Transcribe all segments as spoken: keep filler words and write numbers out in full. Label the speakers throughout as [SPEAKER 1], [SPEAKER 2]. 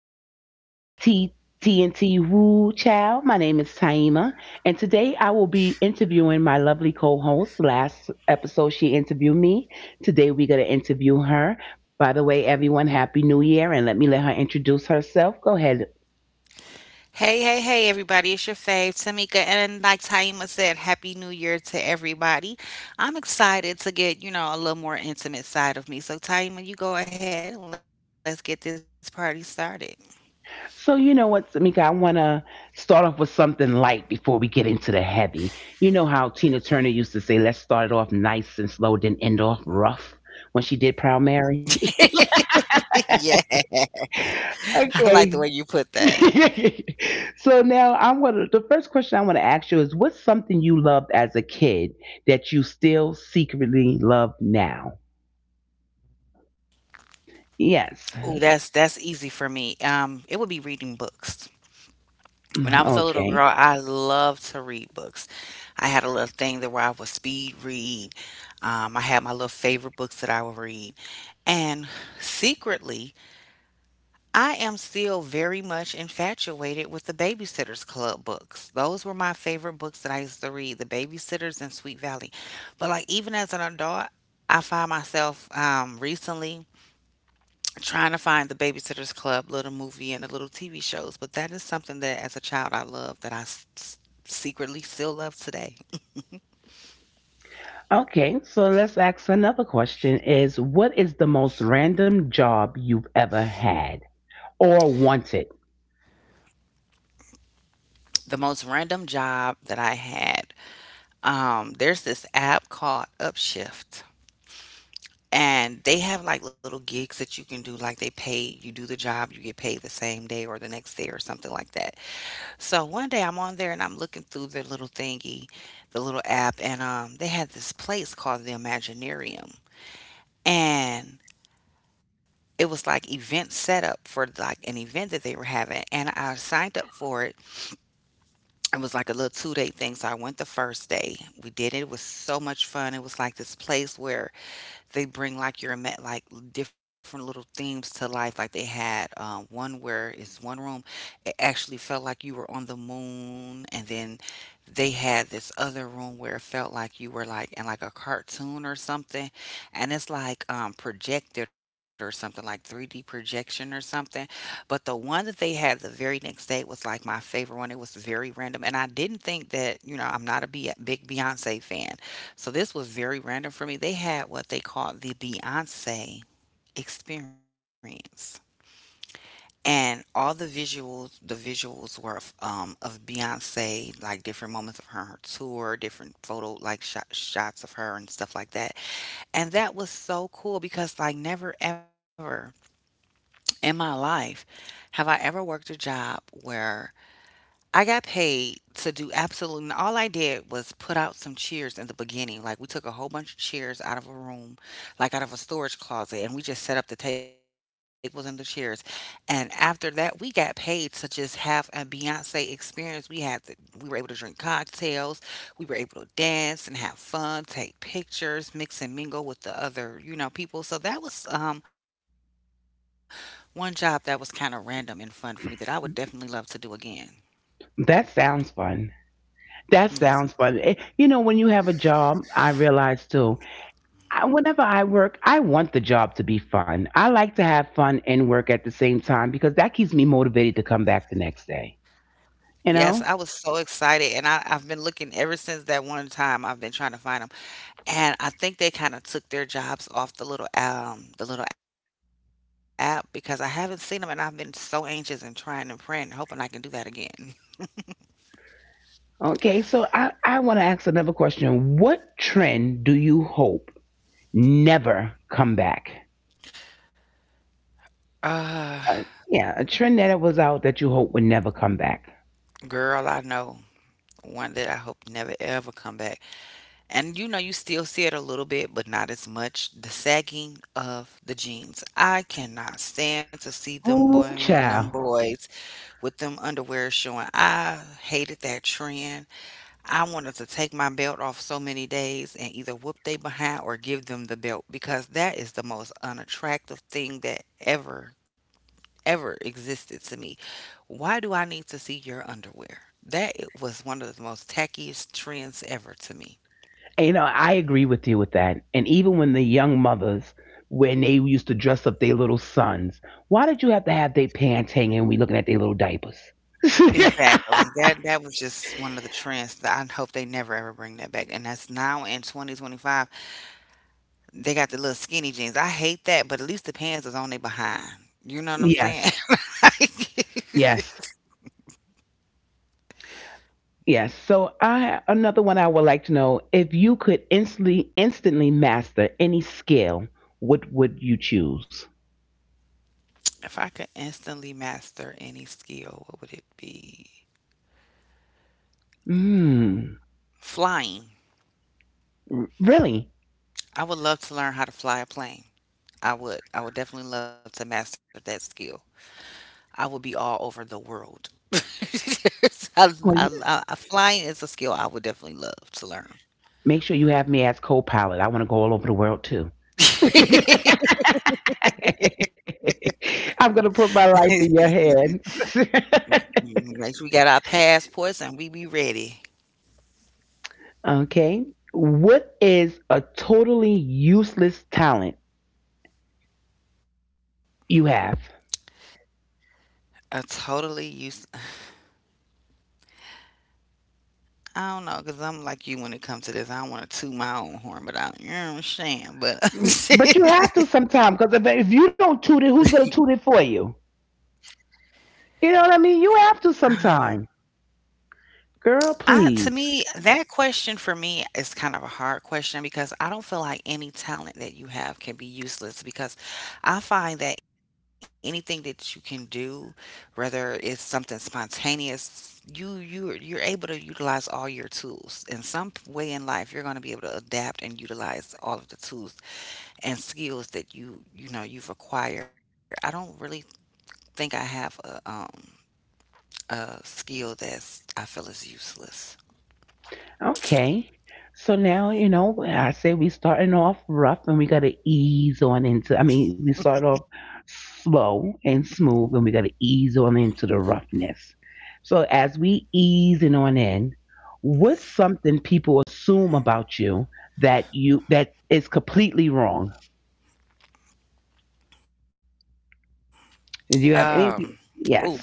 [SPEAKER 1] of T TNT Woo Chow. My name is Taima, and today I will be interviewing my lovely co-host. Last episode she interviewed me. Today we're gonna interview her. By the way, everyone, Happy New Year, and let me let her introduce herself. Go ahead.
[SPEAKER 2] Hey, hey, hey, everybody. It's your fave, Tamika. And like Taima said, Happy New Year to everybody. I'm excited to get, you know, a little more intimate side of me. So, Taima, you go ahead and let's get this party started.
[SPEAKER 1] So you know what, Tamika, I wanna start off with something light before we get into the heavy. You know how Tina Turner used to say, let's start it off nice and slow, then end off rough when she did Proud Mary.
[SPEAKER 2] Yeah, I like the way you put
[SPEAKER 1] Okay.
[SPEAKER 2] that.
[SPEAKER 1] So now I want to, the first question I want to ask you is, what's something you loved as a kid that you still secretly love now? Yes.
[SPEAKER 2] Oh, that's that's easy for me. Um, it would be reading books. When I was a little
[SPEAKER 1] Okay.
[SPEAKER 2] girl, I loved to read books. I had a little thing that where I would speed read. Um, I had my little favorite books that I would read, and secretly, I am still very much infatuated with the Babysitters Club books. Those were my favorite books that I used to read, The Babysitters and Sweet Valley. But like even as an adult, I find myself um, recently trying to find the Babysitters Club little movie and the little T V shows. But that is something that as a child I loved that I s- s- secretly still love today.
[SPEAKER 1] Okay. So let's ask another question. Is what is the most random job you've ever had or wanted?
[SPEAKER 2] The most random job that I had, um, there's this app called Upshift. And they have like little gigs that you can do, like they pay, you do the job, you get paid the same day or the next day or something like that. So one day I'm on there and I'm looking through their little thingy, the little app, and um, they had this place called the Imaginarium. And it was like event setup for like an event that they were having. And I signed up for it. It was like a little two day thing. So I went the first day. We did it. It was so much fun. It was like this place where they bring like your ima- like different little themes to life. Like they had um, one where it's one room, it actually felt like you were on the moon, and then they had this other room where it felt like you were like in like a cartoon or something, and it's like um, projected or something like three D projection or something. But the one that they had the very next day was like my favorite one. It was very random, and I didn't think that you know I'm not a be- big Beyonce fan, so this was very random for me. They had what they called the Beyonce experience. And all the visuals, the visuals were of, um, of Beyonce, like different moments of her, her tour, different photo, like shot, shots of her and stuff like that. And that was so cool because, like, never ever in my life have I ever worked a job where I got paid to do absolutely and all I did was put out some chairs in the beginning. Like we took a whole bunch of chairs out of a room, like out of a storage closet, and we just set up the tables and the chairs. And after that, we got paid to just have a Beyonce experience. We had we were able to drink cocktails, we were able to dance and have fun, take pictures, mix and mingle with the other, you know, people. So that was um one job that was kind of random and fun for me that I would definitely love to do again.
[SPEAKER 1] That sounds fun. That sounds
[SPEAKER 2] Yes.
[SPEAKER 1] fun. Eh, you know, when you have a job, I realize too, I, whenever I work, I want the job to be fun. I like to have fun and work at the same time because that keeps me motivated to come back the next day. You
[SPEAKER 2] Yes, I
[SPEAKER 1] know?
[SPEAKER 2] was so excited, and I, I've been looking ever since that one time. I've been trying to find them, and I think they kind of took their jobs off the little um the little app because I haven't seen them, and I've been so anxious and trying and praying, hoping I can do that again.
[SPEAKER 1] Okay, so I, I want to ask another question. What trend do you hope never come back?
[SPEAKER 2] Uh,
[SPEAKER 1] Uh, yeah, a trend that was out that you hope would never come back.
[SPEAKER 2] girl, I know one that I hope never ever come back. And you know, you still see it a little bit, but not as much. The sagging of the jeans. I cannot stand to see them
[SPEAKER 1] Oh,
[SPEAKER 2] boy and them
[SPEAKER 1] child.
[SPEAKER 2] boys with them underwear showing. I hated that trend. I wanted to take my belt off so many days and either whoop they behind or give them the belt because that is the most unattractive thing that ever ever existed to me. Why do I need to see your underwear? That was one of the most tackiest trends ever to me.
[SPEAKER 1] And, You know, I agree with you with that. And even when the young mothers, when they used to dress up their little sons, why did you have to have their pants hanging and we looking at their little diapers?
[SPEAKER 2] Exactly. That that was just one of the trends that I hope they never ever bring that back. And that's now in twenty twenty-five. They got the little skinny jeans. I hate that, but at least the pants is on their behind. You know what I'm saying?
[SPEAKER 1] Yes,
[SPEAKER 2] If
[SPEAKER 1] yes, yes. So I another one I would like to know, if you could instantly instantly master any skill, what would you choose?
[SPEAKER 2] I could instantly master any skill, what would it be?
[SPEAKER 1] Mm,
[SPEAKER 2] Flying.
[SPEAKER 1] r- Really?
[SPEAKER 2] I would love to learn how to fly a plane. I would. I would definitely love to master that skill. I would be all over the world. I, I,
[SPEAKER 1] Well, you-
[SPEAKER 2] I, flying is a skill I would definitely love to learn.
[SPEAKER 1] make sure you have me as co-pilot. I want to go all over the world too. I'm going to put my life in your hands.
[SPEAKER 2] Make sure we got our passports and we be ready.
[SPEAKER 1] Okay. What is a totally useless talent you have?
[SPEAKER 2] A totally useless. I don't know, cause I'm like you when it comes to this. I don't want to toot my own horn, but I, you know what I'm saying. But
[SPEAKER 1] But you have to sometime because if, if you don't toot it, who's going to toot it for you? You know what I mean? You have to sometime. Girl,
[SPEAKER 2] I, to
[SPEAKER 1] please.
[SPEAKER 2] me, that question for me is kind of a hard question because I don't feel like any talent that you have can be useless. Because I find that anything that you can do, whether it's something spontaneous, you you you're able to utilize all your tools in some way in life. You're going to be able to adapt and utilize all of the tools and skills that you you know you've acquired. I don't really think I have a um a skill that's I feel is useless.
[SPEAKER 1] Okay. So now, you know, I say we starting off rough and we gotta ease on into, I mean, we start off slow and smooth and we gotta ease on into the roughness. So as we easing on in, what's something people assume about you that you that is completely wrong? Do
[SPEAKER 2] Um,
[SPEAKER 1] you have anything?
[SPEAKER 2] oh girl,
[SPEAKER 1] Yes.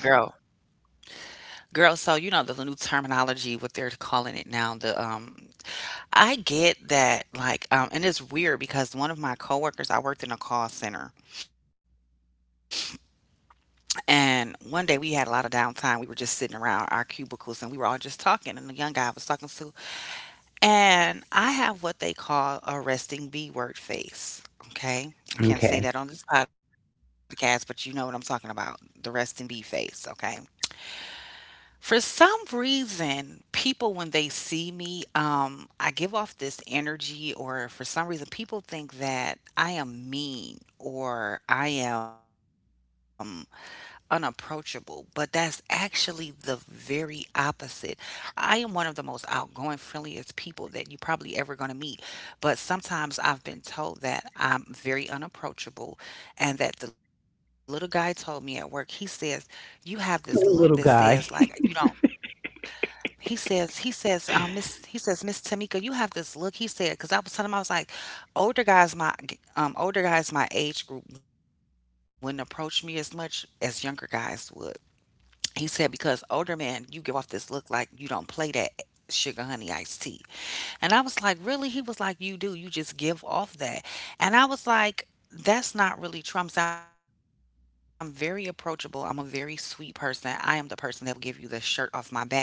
[SPEAKER 2] girl. So you know the, the new terminology, what they're calling it now. The um, I get that like um, and it's weird because one of my coworkers, I worked in a call center, and one day we had a lot of downtime. We were just sitting around our cubicles and we were all just talking, and the young guy was talking to and I have what they call a resting B word face. Okay. I can't say
[SPEAKER 1] Okay.
[SPEAKER 2] that on this podcast, but you know what I'm talking about the resting B face. Okay. For some reason, people, when they see me, um, I give off this energy, or for some reason, people think that I am mean or I am unapproachable, but that's actually the very opposite. I am one of the most outgoing, friendliest people that you probably ever going to meet, but sometimes I've been told that I'm very unapproachable and that the little guy told me at work, he says, "You have this look that says
[SPEAKER 1] Little
[SPEAKER 2] like you
[SPEAKER 1] guy.
[SPEAKER 2] don't he says, he says, um, Miss, he says, Miss Tamika, you have this look. He said, because I was telling him, I was like, older guys, my, um, older guys, my age group wouldn't approach me as much as younger guys would. He said, because older men, you give off this look like you don't play that sugar honey iced tea. And I was like, really? He was like, you do. You just give off that. And I was like, that's not really Trump's. I'm very approachable. I'm a very sweet person. I am the person that will give you the shirt off my back.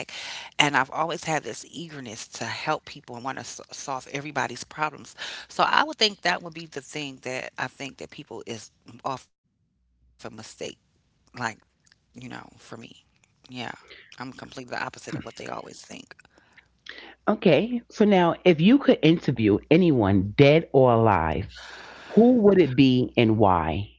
[SPEAKER 2] And I've always had this eagerness to help people and want to s- solve everybody's problems. So I would think that would be the thing that I think that people is often mistake, like, you know, for me. Yeah. I'm completely the opposite of what they always think.
[SPEAKER 1] Okay. So now, if you could interview anyone dead or alive, who would it be and why?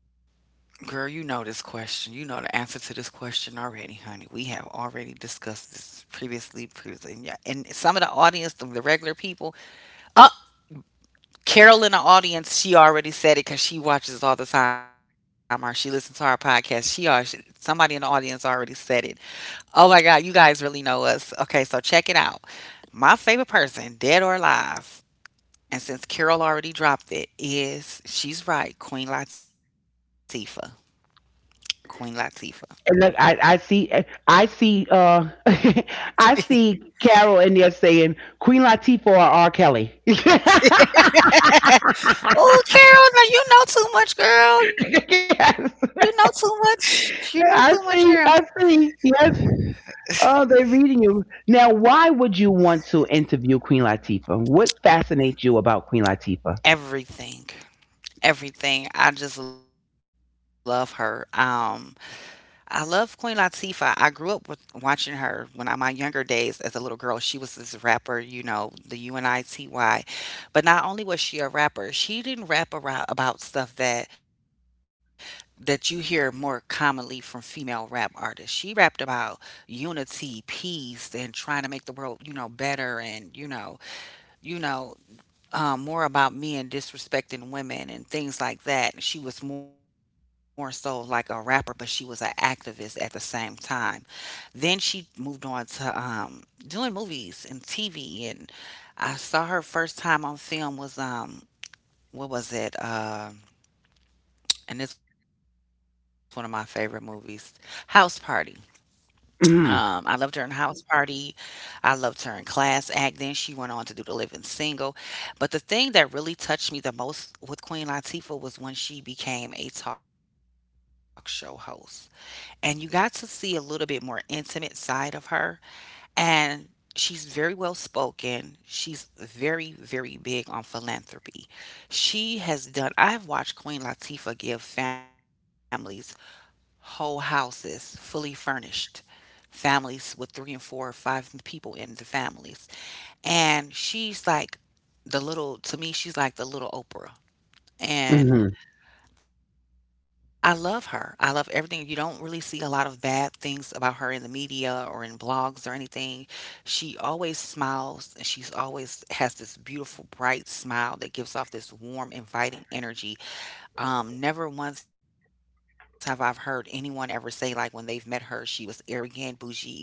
[SPEAKER 2] Girl, you know this question. You know the answer to this question already, honey. We have already discussed this previously, previously. And yeah, and some of the audience, the, the regular people, uh, Carol in the audience, she already said it because she watches all the time or she listens to our podcast. She already, somebody in the audience already said it. Oh my God, you guys really know us. Okay, so check it out. My favorite person, dead or alive, and since Carol already dropped it, is she's right, Queen Latifah. Queen Latifah.
[SPEAKER 1] And look, I, I see, I see, uh, I see Carol in there saying Queen Latifah or R. Kelly. Yes,
[SPEAKER 2] Oh, Carol, now you know too much, girl. You know too much. You know too much, girl.
[SPEAKER 1] I see, I see. Yes, oh, they're reading you now. Why would you want to interview Queen Latifah? What fascinates you about Queen Latifah?
[SPEAKER 2] Everything. Everything. I just love her. Um I love Queen Latifah. I grew up with watching her when I my younger days as a little girl. She was this rapper, you know, the UNITY. But not only was she a rapper, she didn't rap around about stuff that that you hear more commonly from female rap artists. She rapped about unity, peace, and trying to make the world, you know, better and, you know, you know, um, more about men disrespecting women and things like that. She was more so like a rapper, but she was an activist at the same time. Then she moved on to um, doing movies and T V. And I saw her first time on film was um, what was it? Um and it's one of my favorite movies, House Party. Um, I loved her in House
[SPEAKER 1] Mm,
[SPEAKER 2] Party. I loved her in Class Act. Then she went on to do The Living Single. But the thing that really touched me the most with Queen Latifah was when she became a talk show host. And you got to see a little bit more intimate side of her. And she's very well spoken. She's very, very big on philanthropy. She has done, I've watched Queen Latifah give families whole houses, fully furnished, families with three and four or five people in the families. And she's like the little, to me, she's like the little Oprah. And
[SPEAKER 1] hmm.
[SPEAKER 2] I love her. I love everything. You don't really see a lot of bad things about her in the media or in blogs or anything. She always smiles and she's always has this beautiful, bright smile that gives off this warm, inviting energy, um, never once have I've heard anyone ever say, like, when they've met her, she was arrogant, bougie, egotistical,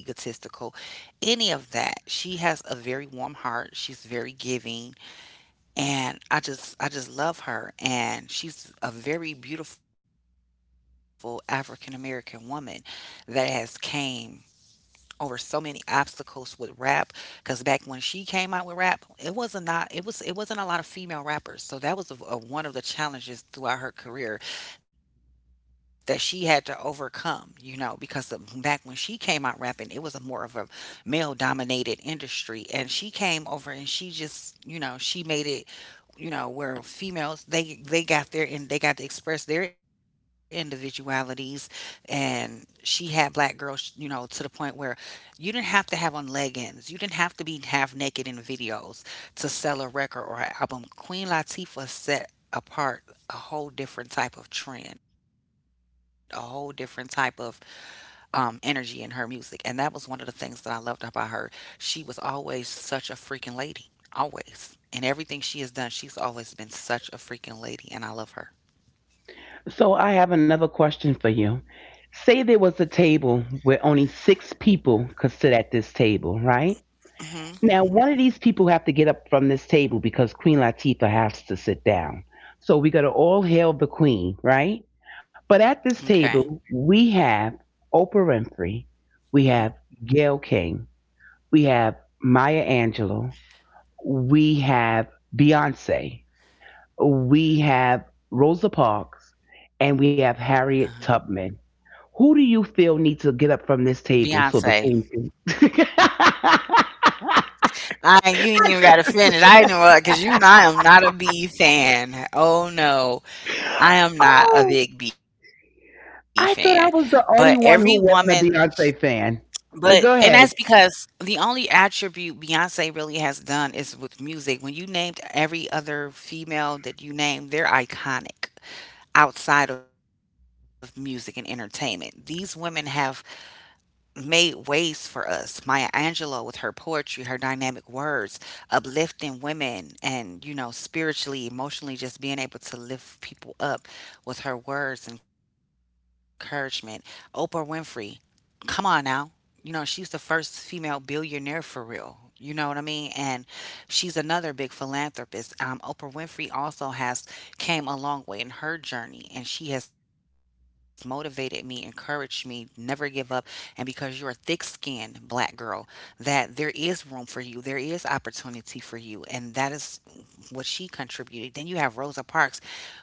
[SPEAKER 2] any of that. She has a very warm heart. She's very giving, and I just I just love her. And she's a very beautiful African American woman that has came over so many obstacles with rap, because back when she came out with rap it wasn't not it was it wasn't a lot of female rappers, so that was a, a- one of the challenges throughout her career that she had to overcome, you know, because the, back when she came out rapping it was a more of a male dominated industry, and she came over and she just, you know, she made it, you know, where females they they got their and they got to express their individualities. And she had black girls, you know, to the point where you didn't have to have on leggings, you didn't have to be half naked in videos to sell a record or an album. Queen Latifah set apart a whole different type of trend, a whole different type of um, energy in her music. And that was one of the things that I loved about her. She was always such a freaking lady. Always. And everything she has done, she's always been such a freaking lady. And I love her.
[SPEAKER 1] So I have another question for you. Say there was a table where only six people could sit at this table, right?
[SPEAKER 2] Hmm.
[SPEAKER 1] Now, one of these people have to get up from this table because Queen Latifah has to sit down. So we got to all hail the Queen, right? But
[SPEAKER 2] Okay.
[SPEAKER 1] at this table, we have Oprah Winfrey, we
[SPEAKER 2] Hmm.
[SPEAKER 1] have Gayle King, we have Maya Angelou, we have Beyonce, we have Rosa Parks,
[SPEAKER 2] Uh-huh.
[SPEAKER 1] and we have Harriet Tubman. Who do you feel needs to get up from this table so
[SPEAKER 2] Beyonce.
[SPEAKER 1] the Queen can?
[SPEAKER 2] I, you ain't even got to finish. I know, because you and I am not a B fan. Oh no, I am not a
[SPEAKER 1] Oh.
[SPEAKER 2] big B fan. But
[SPEAKER 1] I
[SPEAKER 2] every
[SPEAKER 1] thought I was the
[SPEAKER 2] woman,
[SPEAKER 1] only one who wasn't a Beyonce fan.
[SPEAKER 2] but and
[SPEAKER 1] But go
[SPEAKER 2] that's
[SPEAKER 1] ahead.
[SPEAKER 2] because the only attribute Beyonce really has done is with music. When you named every other female that you named, they're iconic outside of music and entertainment. These women have made ways for us. Maya Angelou with her poetry, her dynamic words, uplifting women and, you know, spiritually, emotionally, just being able to lift people up with her words, encouragement. Oprah Winfrey, come on now, you know, she's the first female billionaire, for real. You know what I mean? And she's another big philanthropist. Um, Oprah Winfrey also has came a long way in her journey, and she has motivated me, encouraged me, never give up. And because you're a thick-skinned black girl, that there is room for you, there is opportunity for you, and that is what she contributed. Then you have Rosa Parks.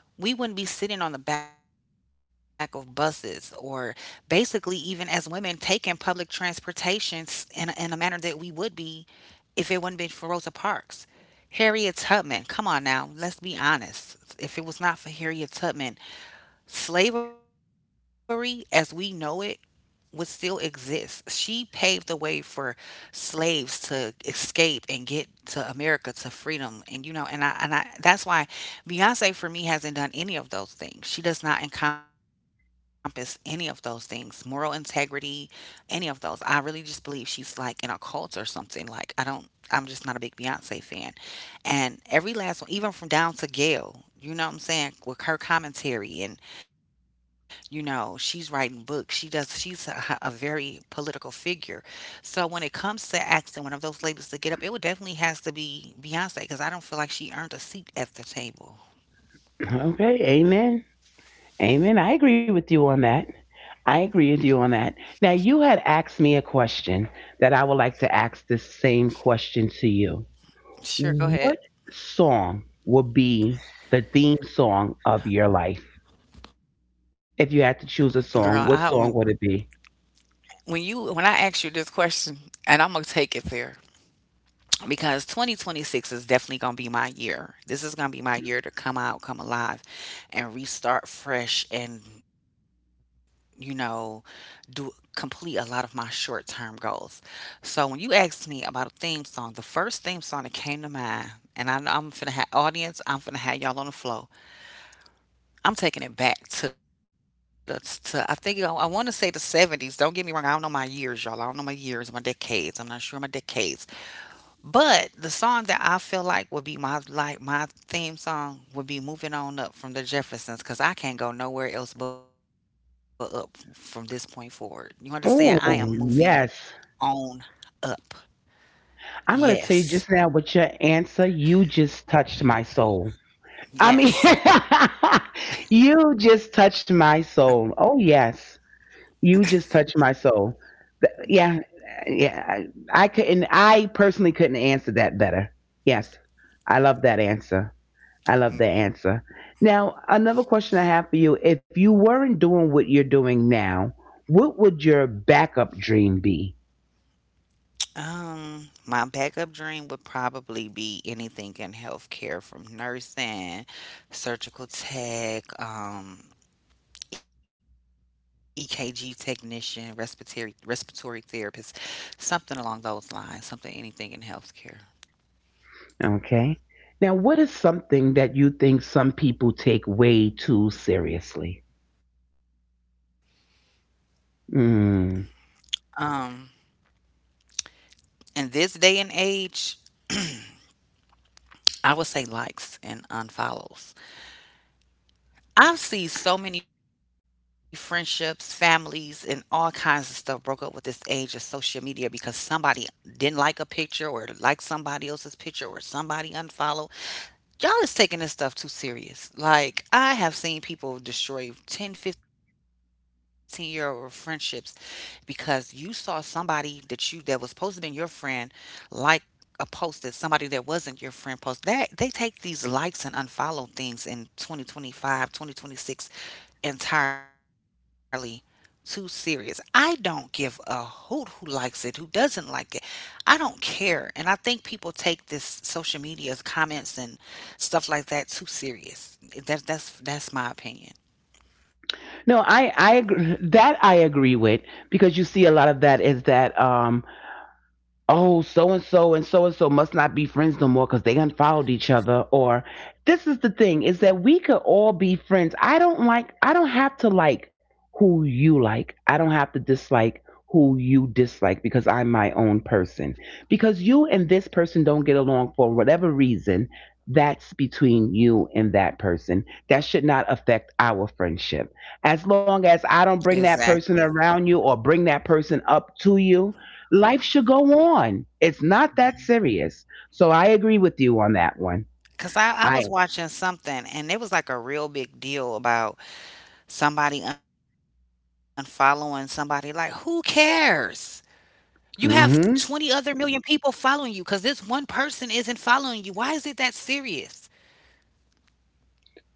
[SPEAKER 2] We wouldn't be sitting on the back of buses or basically even as women taking public transportations in in a manner that we would be if it wouldn't been for Rosa Parks. Harriet Tubman, come on now, let's be honest. If it was not for Harriet Tubman, slavery as we know it would still exist. She paved the way for slaves to escape and get to America to freedom. And, you know, and I and I that's why Beyonce for me hasn't done any of those things. She does not encompass any of those things. Moral integrity, any of those. I really just believe she's like in a cult or something. Like, I don't I'm just not a big Beyonce fan. And every last one, even from down to Gail, you know what I'm saying, with her commentary and, you know, she's writing books. She does she's a, a very political figure. So when it comes to asking one of those ladies to get up, it would definitely has to be Beyonce, because I don't feel like she earned a seat at the table.
[SPEAKER 1] Okay, amen. Amen. I agree with you on that. I agree with you on that. Now, you had asked me a question that I would like to ask this same question to you.
[SPEAKER 2] Sure, go ahead.
[SPEAKER 1] What song would be the theme song of your life?
[SPEAKER 2] Girl,
[SPEAKER 1] If
[SPEAKER 2] I
[SPEAKER 1] you had to
[SPEAKER 2] when
[SPEAKER 1] choose a song, what song would it be?
[SPEAKER 2] when you when I asked you this question, and I'm gonna take it there, because twenty twenty-six is definitely going to be my year. This is going to be my year to come out, come alive, and restart fresh and, you know, do complete a lot of my short term goals. So when you asked me about a theme song, the first theme song that came to mind, and I know I'm finna have audience, I'm finna have y'all on the flow. I'm taking it back to the, to, I think I, I want to say the seventies. Don't get me wrong, I don't know my years, y'all. I don't know my years, my decades. I'm not sure my decades, but the song that I feel like would be my, like, my theme song would be "Moving On Up" from the Jeffersons, because I can't go nowhere else but up from this point forward. You understand? I am moving
[SPEAKER 1] Oh, yes.
[SPEAKER 2] on up.
[SPEAKER 1] I'm going to
[SPEAKER 2] Yes,
[SPEAKER 1] tell you, just now with your answer, you just touched my soul. I
[SPEAKER 2] yes.
[SPEAKER 1] mean, you just touched my soul. Oh yes, you just touched my soul. Th- Yeah, yeah. I, I couldn't. I personally couldn't answer that better. Yes, I love that answer. I love the answer. Now, another question I have for you: if you weren't doing what you're doing now, what would your backup dream be?
[SPEAKER 2] Um, my backup dream would probably be anything in healthcare, from nursing, surgical tech, um, E K G technician, respiratory respiratory therapist, something along those lines, something, anything in healthcare.
[SPEAKER 1] Okay. Now, what is something that you think some people take way too seriously? Hmm.
[SPEAKER 2] Um, in this day and age, I would say likes and unfollows. I've seen so many friendships, families, and all kinds of stuff broke up with this age of social media because somebody didn't like a picture or liked somebody else's picture or somebody unfollowed. Y'all is taking this stuff too serious. Like, I have seen people destroy ten fifteen year old friendships because you saw somebody that, you that was supposed to be your friend, like, a post that somebody that wasn't your friend post. That they take these likes and unfollow things in twenty twenty five twenty twenty six entirely too serious. I don't give a hoot who likes it, who doesn't like it. I don't care. And I think people take this social media's comments and stuff like that too serious. That's that's that's my opinion.
[SPEAKER 1] No, I I agree, that I agree with, because you see a lot of that is that um oh, so and so and so and so must not be friends no more because they unfollowed each other. Or this is the thing, is that we could all be friends. I don't like, I don't have to like who you like, I don't have to dislike who you dislike because I'm my own person. Because you and this person don't get along for whatever reason, that's between you and that person. That should not affect our friendship. As long as
[SPEAKER 2] Exactly,
[SPEAKER 1] I don't bring that person around you or bring that person up to you, life should go on. It's not that serious. So I agree with you on that one.
[SPEAKER 2] because I, I
[SPEAKER 1] I
[SPEAKER 2] was watching something and it was like a real big deal about somebody unfollowing somebody. Like, who cares? You have twenty other
[SPEAKER 1] Mm-hmm.
[SPEAKER 2] million people following you because this one person isn't following you. Why is it that serious?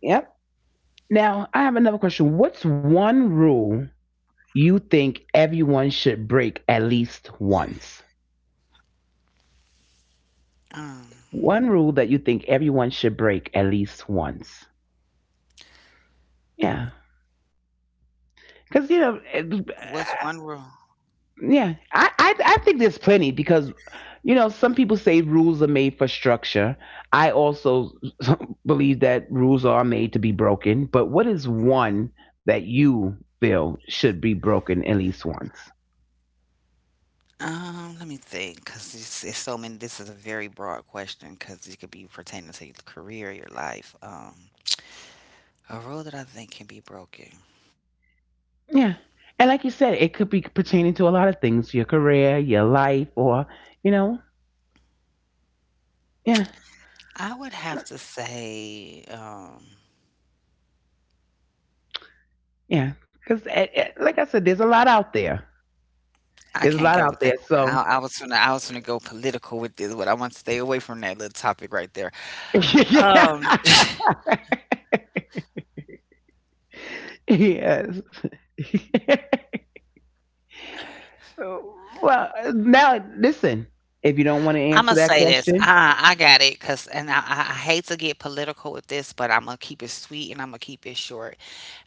[SPEAKER 1] Yep. Now I have another question. What's one rule you think everyone should break at least once?
[SPEAKER 2] Um,
[SPEAKER 1] One rule that you think everyone should break at least once. Yeah. Cause
[SPEAKER 2] what's
[SPEAKER 1] you know,
[SPEAKER 2] one rule?
[SPEAKER 1] it- Yeah, I, I I think there's plenty because you know some people say rules are made for structure. I also believe that rules are made to be broken. But what is one that you feel should be broken at least once?
[SPEAKER 2] Um, let me think, because it's, it's so many. This is a very broad question, because it could be pertaining to your career, your life. Um, a rule that I think can be broken.
[SPEAKER 1] Yeah, and like you said, it could be pertaining to a lot of things: your career, your life, or you know, yeah,
[SPEAKER 2] I would have to say, um,
[SPEAKER 1] yeah. Because like I said, there's a lot out there.
[SPEAKER 2] I can't go
[SPEAKER 1] There's a
[SPEAKER 2] with that.
[SPEAKER 1] lot out there.
[SPEAKER 2] I, I
[SPEAKER 1] So
[SPEAKER 2] was gonna, I was gonna go political with this, but I want to stay away from that little topic right there.
[SPEAKER 1] yeah.
[SPEAKER 2] Um,
[SPEAKER 1] Yes. Well, now listen. If you don't want to
[SPEAKER 2] I'm gonna
[SPEAKER 1] answer
[SPEAKER 2] say
[SPEAKER 1] that
[SPEAKER 2] this.
[SPEAKER 1] question,
[SPEAKER 2] I, I got it, 'cause, and I, I I hate to get political with this, but I'm gonna keep it sweet and I'm gonna keep it short,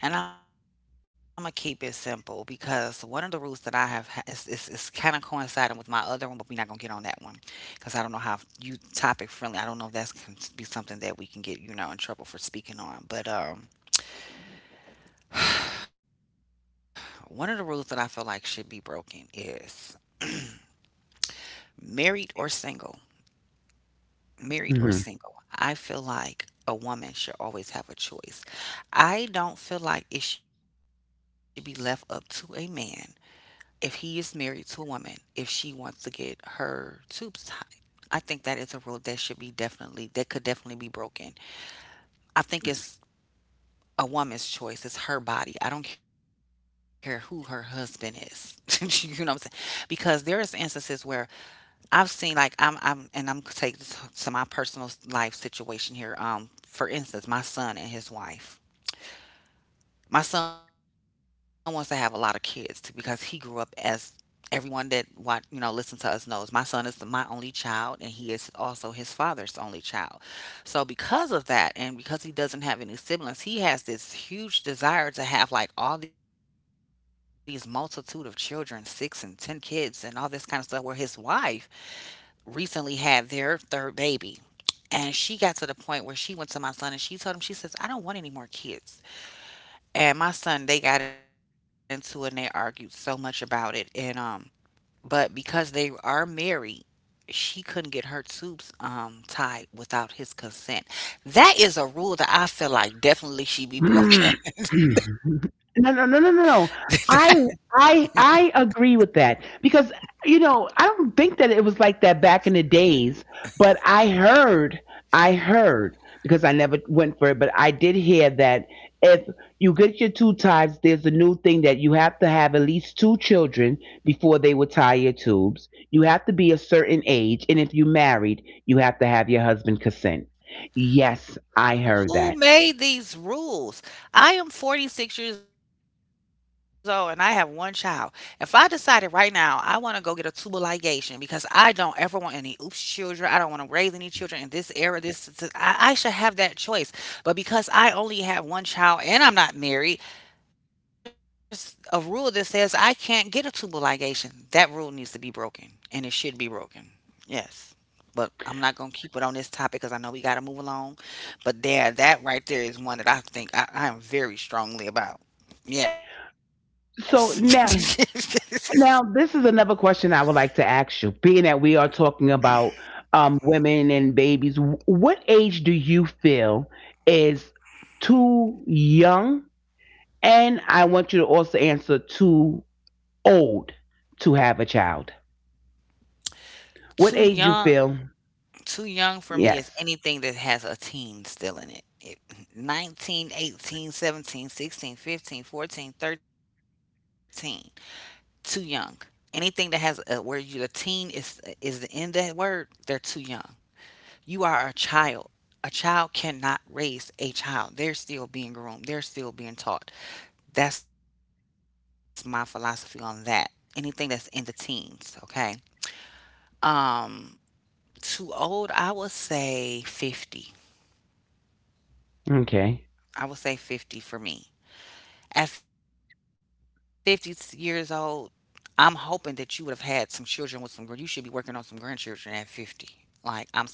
[SPEAKER 2] and I'm gonna keep it simple, because one of the rules that I have ha- is, is, is kind of coinciding with my other one, but we're not gonna get on that one, 'cause I don't know how you topic friendly. I don't know if that's can be something that we can get, you know, in trouble for speaking on, but um. One of the rules that I feel like should be broken is married or single. Married or
[SPEAKER 1] mhm.
[SPEAKER 2] single. I feel like a woman should always have a choice. I don't feel like it should be left up to a man if he is married to a woman if she wants to get her tubes tied. I think that is a rule that should be definitely that could definitely be broken. I think it's a woman's choice. It's her body. I don't care who her husband is. You know what I'm saying? Because there is instances where I've seen, like, I'm I'm and I'm gonna take this to my personal s- life situation here. Um, for instance, my son and his wife. My son wants to have a lot of kids t- because he grew up as, everyone that what, you know, listen to us knows. My son is my only child, and he is also his father's only child. So because of that, and because he doesn't have any siblings, he has this huge desire to have like all these multitude of children, six and ten kids, and all this kind of stuff. Where his wife recently had their third baby. And she got to the point where she went to my son and she told him, she says, I don't want any more kids. And my son, they got into it and they argued so much about it. And, um, but because they are married, she couldn't get her tubes um tied without his consent. That is a rule that I feel like definitely should be broken.
[SPEAKER 1] Mm. No, no, no, no, no, no. I I I agree with that because you know, I don't think that it was like that back in the days, but I heard I heard because I never went for it, but I did hear that if you get your two tubes, there's a new thing that you have to have at least two children before they will tie your tubes. You have to be a certain age, and if you married, you have to have your husband consent. Yes, I heard
[SPEAKER 2] Who
[SPEAKER 1] that.
[SPEAKER 2] made these rules? I am forty-six years old and I have one child. If I decided right now I want to go get a tubal ligation because I don't ever want any oops children, I don't want to raise any children in this era, this, this- I, I should have that choice. But because I only have one child and I'm not married, there's a rule that says I can't get a tubal ligation. That rule needs to be broken, and it should be broken. Yes. But I'm not going to keep it on this topic because I know we got to move along. But there, that right there is one that I think I, I am very strongly about. Yes.
[SPEAKER 1] So now Now, this is another question I would like to ask you. Being that we are talking about um, women and babies, wh- what age do you feel is too young? And I want you to also answer too old to have a child.
[SPEAKER 2] Too
[SPEAKER 1] What age
[SPEAKER 2] young,
[SPEAKER 1] you feel?
[SPEAKER 2] too young for me is
[SPEAKER 1] Yes.
[SPEAKER 2] anything that has a teen still in it. It nineteen, eighteen, seventeen, sixteen, fifteen, fourteen, thirteen. Too young. Anything that has a where you the teen is is in that word, they're too young. You are a child. A child cannot raise a child. They're still being groomed. They're still being taught. That's my philosophy on that. Anything that's in the teens, okay? Um, Too old, I would say fifty.
[SPEAKER 1] Okay.
[SPEAKER 2] I would say fifty for me. At fifty years old, I'm hoping that you would have had some children with some, gr- you should be working on some grandchildren at fifty. Like, I'm sorry.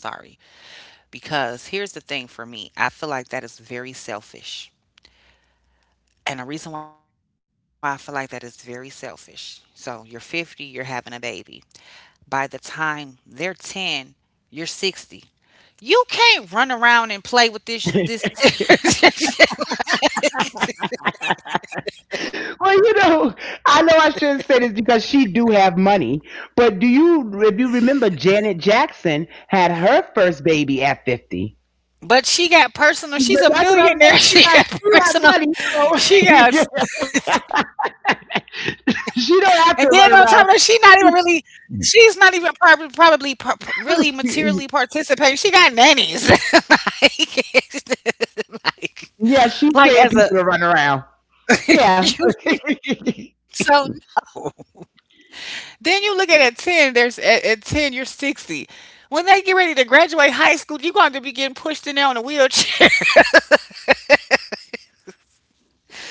[SPEAKER 2] Because here's the thing for me I feel like that is very selfish. And the reason why I feel like that is very selfish. So, you're fifty, you're having a baby. By the time they're ten, you're sixty. You can't run around and play with this this
[SPEAKER 1] Well, you know, I know I shouldn't say this because she do have money, but do you if you remember, Janet Jackson had her first baby at fifty?
[SPEAKER 2] but she got personal. She's a
[SPEAKER 1] But that's what I'm
[SPEAKER 2] millionaire.
[SPEAKER 1] saying. She
[SPEAKER 2] She
[SPEAKER 1] got
[SPEAKER 2] got
[SPEAKER 1] she got
[SPEAKER 2] personal
[SPEAKER 1] money, so
[SPEAKER 2] She got, and then on top of that, she
[SPEAKER 1] she
[SPEAKER 2] not
[SPEAKER 1] don't
[SPEAKER 2] even
[SPEAKER 1] have to
[SPEAKER 2] really,
[SPEAKER 1] run around.
[SPEAKER 2] she's not even prob- probably par- par- really materially participating. She got nannies, like, like like
[SPEAKER 1] Yeah,
[SPEAKER 2] as
[SPEAKER 1] she's
[SPEAKER 2] a
[SPEAKER 1] paying people to run around. Yeah.
[SPEAKER 2] you so no. Then you look at at ten. There's at, at ten, you're sixty. When they get ready to graduate high school, you're going to be getting pushed in there on a wheelchair.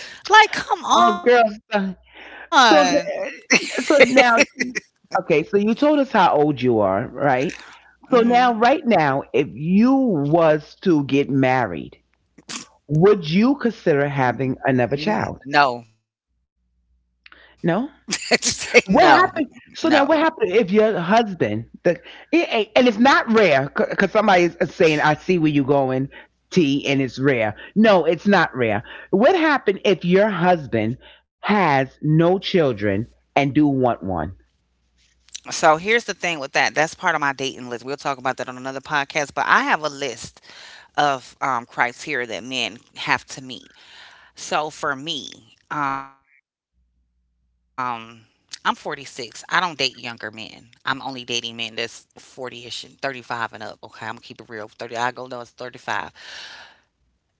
[SPEAKER 2] Like, come
[SPEAKER 1] Oh, girl.
[SPEAKER 2] on.
[SPEAKER 1] So so so now, okay. So you told us how old you are, right? So now,
[SPEAKER 2] Hmm.
[SPEAKER 1] right now, if you was to get married, would you consider having another child?
[SPEAKER 2] No, no,
[SPEAKER 1] No.
[SPEAKER 2] no.
[SPEAKER 1] What happened? So now, what happened if your husband, the, it ain't, and it's not rare, because somebody is is saying, "I see where you going, T," and it's rare. No, it's not rare. What happened if your husband has no children and do want one?
[SPEAKER 2] So here's the thing with that. That's part of my dating list. We'll talk about that on another podcast, but I have a list of um, criteria that men have to meet. So for me, um, I'm forty-six. I don't date younger men. I'm only dating men that's forty-ish and thirty-five and up. Okay, I'm gonna keep it real. thirty, I go no, it's thirty-five.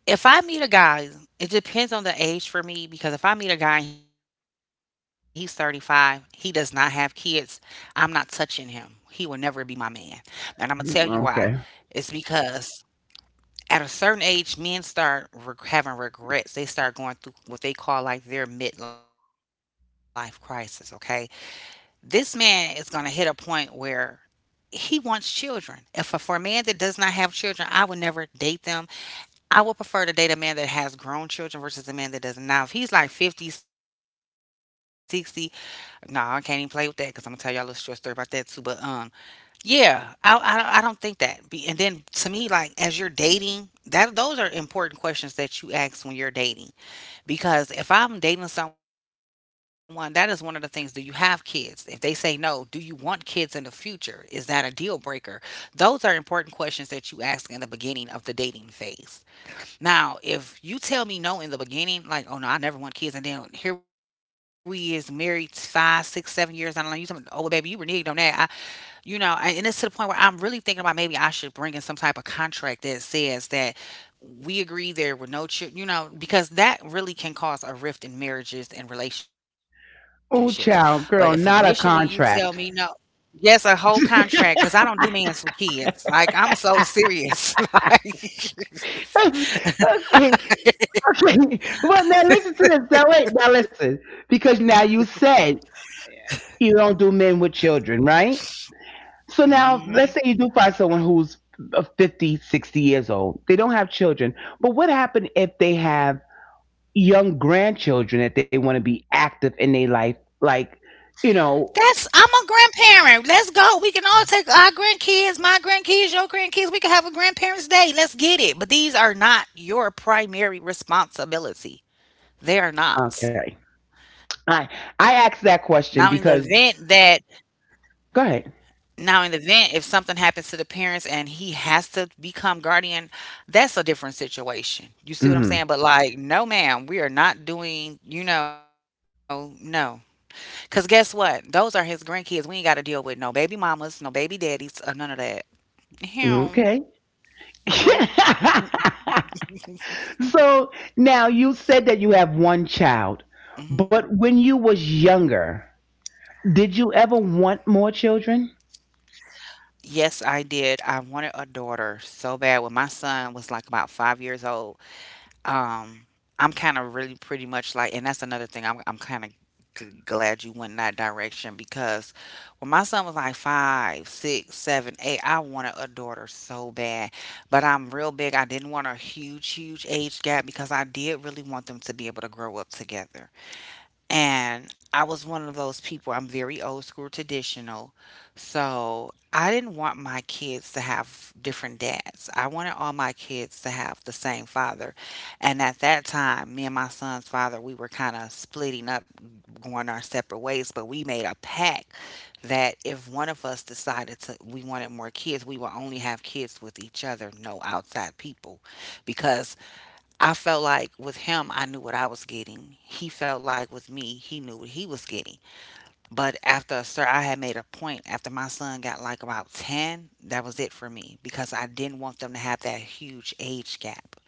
[SPEAKER 2] If I meet a guy, it depends on the age for me because if I meet a guy and he's thirty-five, he does not have kids, I'm not touching him. He will never be my man. And I'm going to tell you why.
[SPEAKER 1] Mm,
[SPEAKER 2] It's
[SPEAKER 1] Okay.
[SPEAKER 2] because at a certain age, men start reg having regrets. They start going through what they call like their midlife crisis, okay? This man is going to hit a point where he wants children. If for for a man that does not have children, I would never date them. I would prefer to date a man that has grown children versus a man that doesn't. Now, if he's like fifty, sixty, 60, nah, I can't even play with that because I'm gonna tell y'all a little short story about that too. But um, yeah, I I, don't- I don't think that. Be, and then to me, like as you're dating, that those are important questions that you ask when you're dating because if I'm dating someone, that is one of the things. Do you have kids? If they say no, do you want kids in the future? Is that a deal breaker? Those are important questions that you ask in the beginning of the dating phase. Now, if you tell me no in the beginning, like, oh no, I never want kids, and then here we is married five, six, seven years. I don't know. You talking? Oh well, baby, you reneged on that. I, you know, I- and it's to the point where I'm really thinking about maybe I should bring in some type of contract that says that we agree there were no children. You know, because that really can cause a rift in marriages and relationships. But
[SPEAKER 1] Oh,
[SPEAKER 2] if
[SPEAKER 1] child,
[SPEAKER 2] initially you
[SPEAKER 1] girl,
[SPEAKER 2] tell
[SPEAKER 1] not a
[SPEAKER 2] me no,
[SPEAKER 1] contract.
[SPEAKER 2] yes, a whole contract, because
[SPEAKER 1] Okay,
[SPEAKER 2] I don't do men's with kids. Like I'm so serious. Like.
[SPEAKER 1] okay. Well, now listen to this. Now wait, now listen, because now you said you don't do men with children, right? So now, let's say you do find someone who's uh, fifty, sixty years old. They don't have children. But what happened if they have young grandchildren that they want to be active in their life? Like, you
[SPEAKER 2] That's I'm a
[SPEAKER 1] know,
[SPEAKER 2] grandparent. Let's go. We can all take our grandkids, my grandkids, your grandkids. We can have a grandparents' day. Let's get it. But these are not your primary responsibility. They are not.
[SPEAKER 1] okay. I
[SPEAKER 2] Now in the
[SPEAKER 1] I asked
[SPEAKER 2] event
[SPEAKER 1] that
[SPEAKER 2] that
[SPEAKER 1] question because go ahead.
[SPEAKER 2] Now in the event if something happens to the parents and he has to become guardian, that's a different situation. You see what I'm saying?
[SPEAKER 1] Mhm.
[SPEAKER 2] But like, no ma'am, we are not doing, you know, no. Cause guess what? Those are his grandkids. We ain't got to deal with no baby mamas, no baby daddies, or none of that.
[SPEAKER 1] Okay.
[SPEAKER 2] Him, nope.
[SPEAKER 1] So now you said that you have one child, but when
[SPEAKER 2] Hmm.
[SPEAKER 1] you was younger, did you ever want more children?
[SPEAKER 2] Yes, I did. I wanted a daughter so bad when my son was like about five years old. Um, I'm kind of really pretty much like, and that's another thing. I'm I'm kind of g- glad you went in that direction because when my son was like five, six, seven, eight, I wanted a daughter so bad, but I'm real big. I didn't want a huge, huge age gap because I did really want them to be able to grow up together. And I was one of those people, I'm very old school traditional. So I didn't want my kids to have different dads. I wanted all my kids to have the same father. And at that time, me and my son's father, we were kind of splitting up, going our separate ways, but we made a pact that if one of us decided to, we wanted more kids, we would only have kids with each other, no outside people. Because I felt like with him, I knew what I was getting. He felt like with me, he knew what he was getting. But after a certain, I had made a point after my son got like about ten, that was it for me because I didn't want them to have that huge age gap.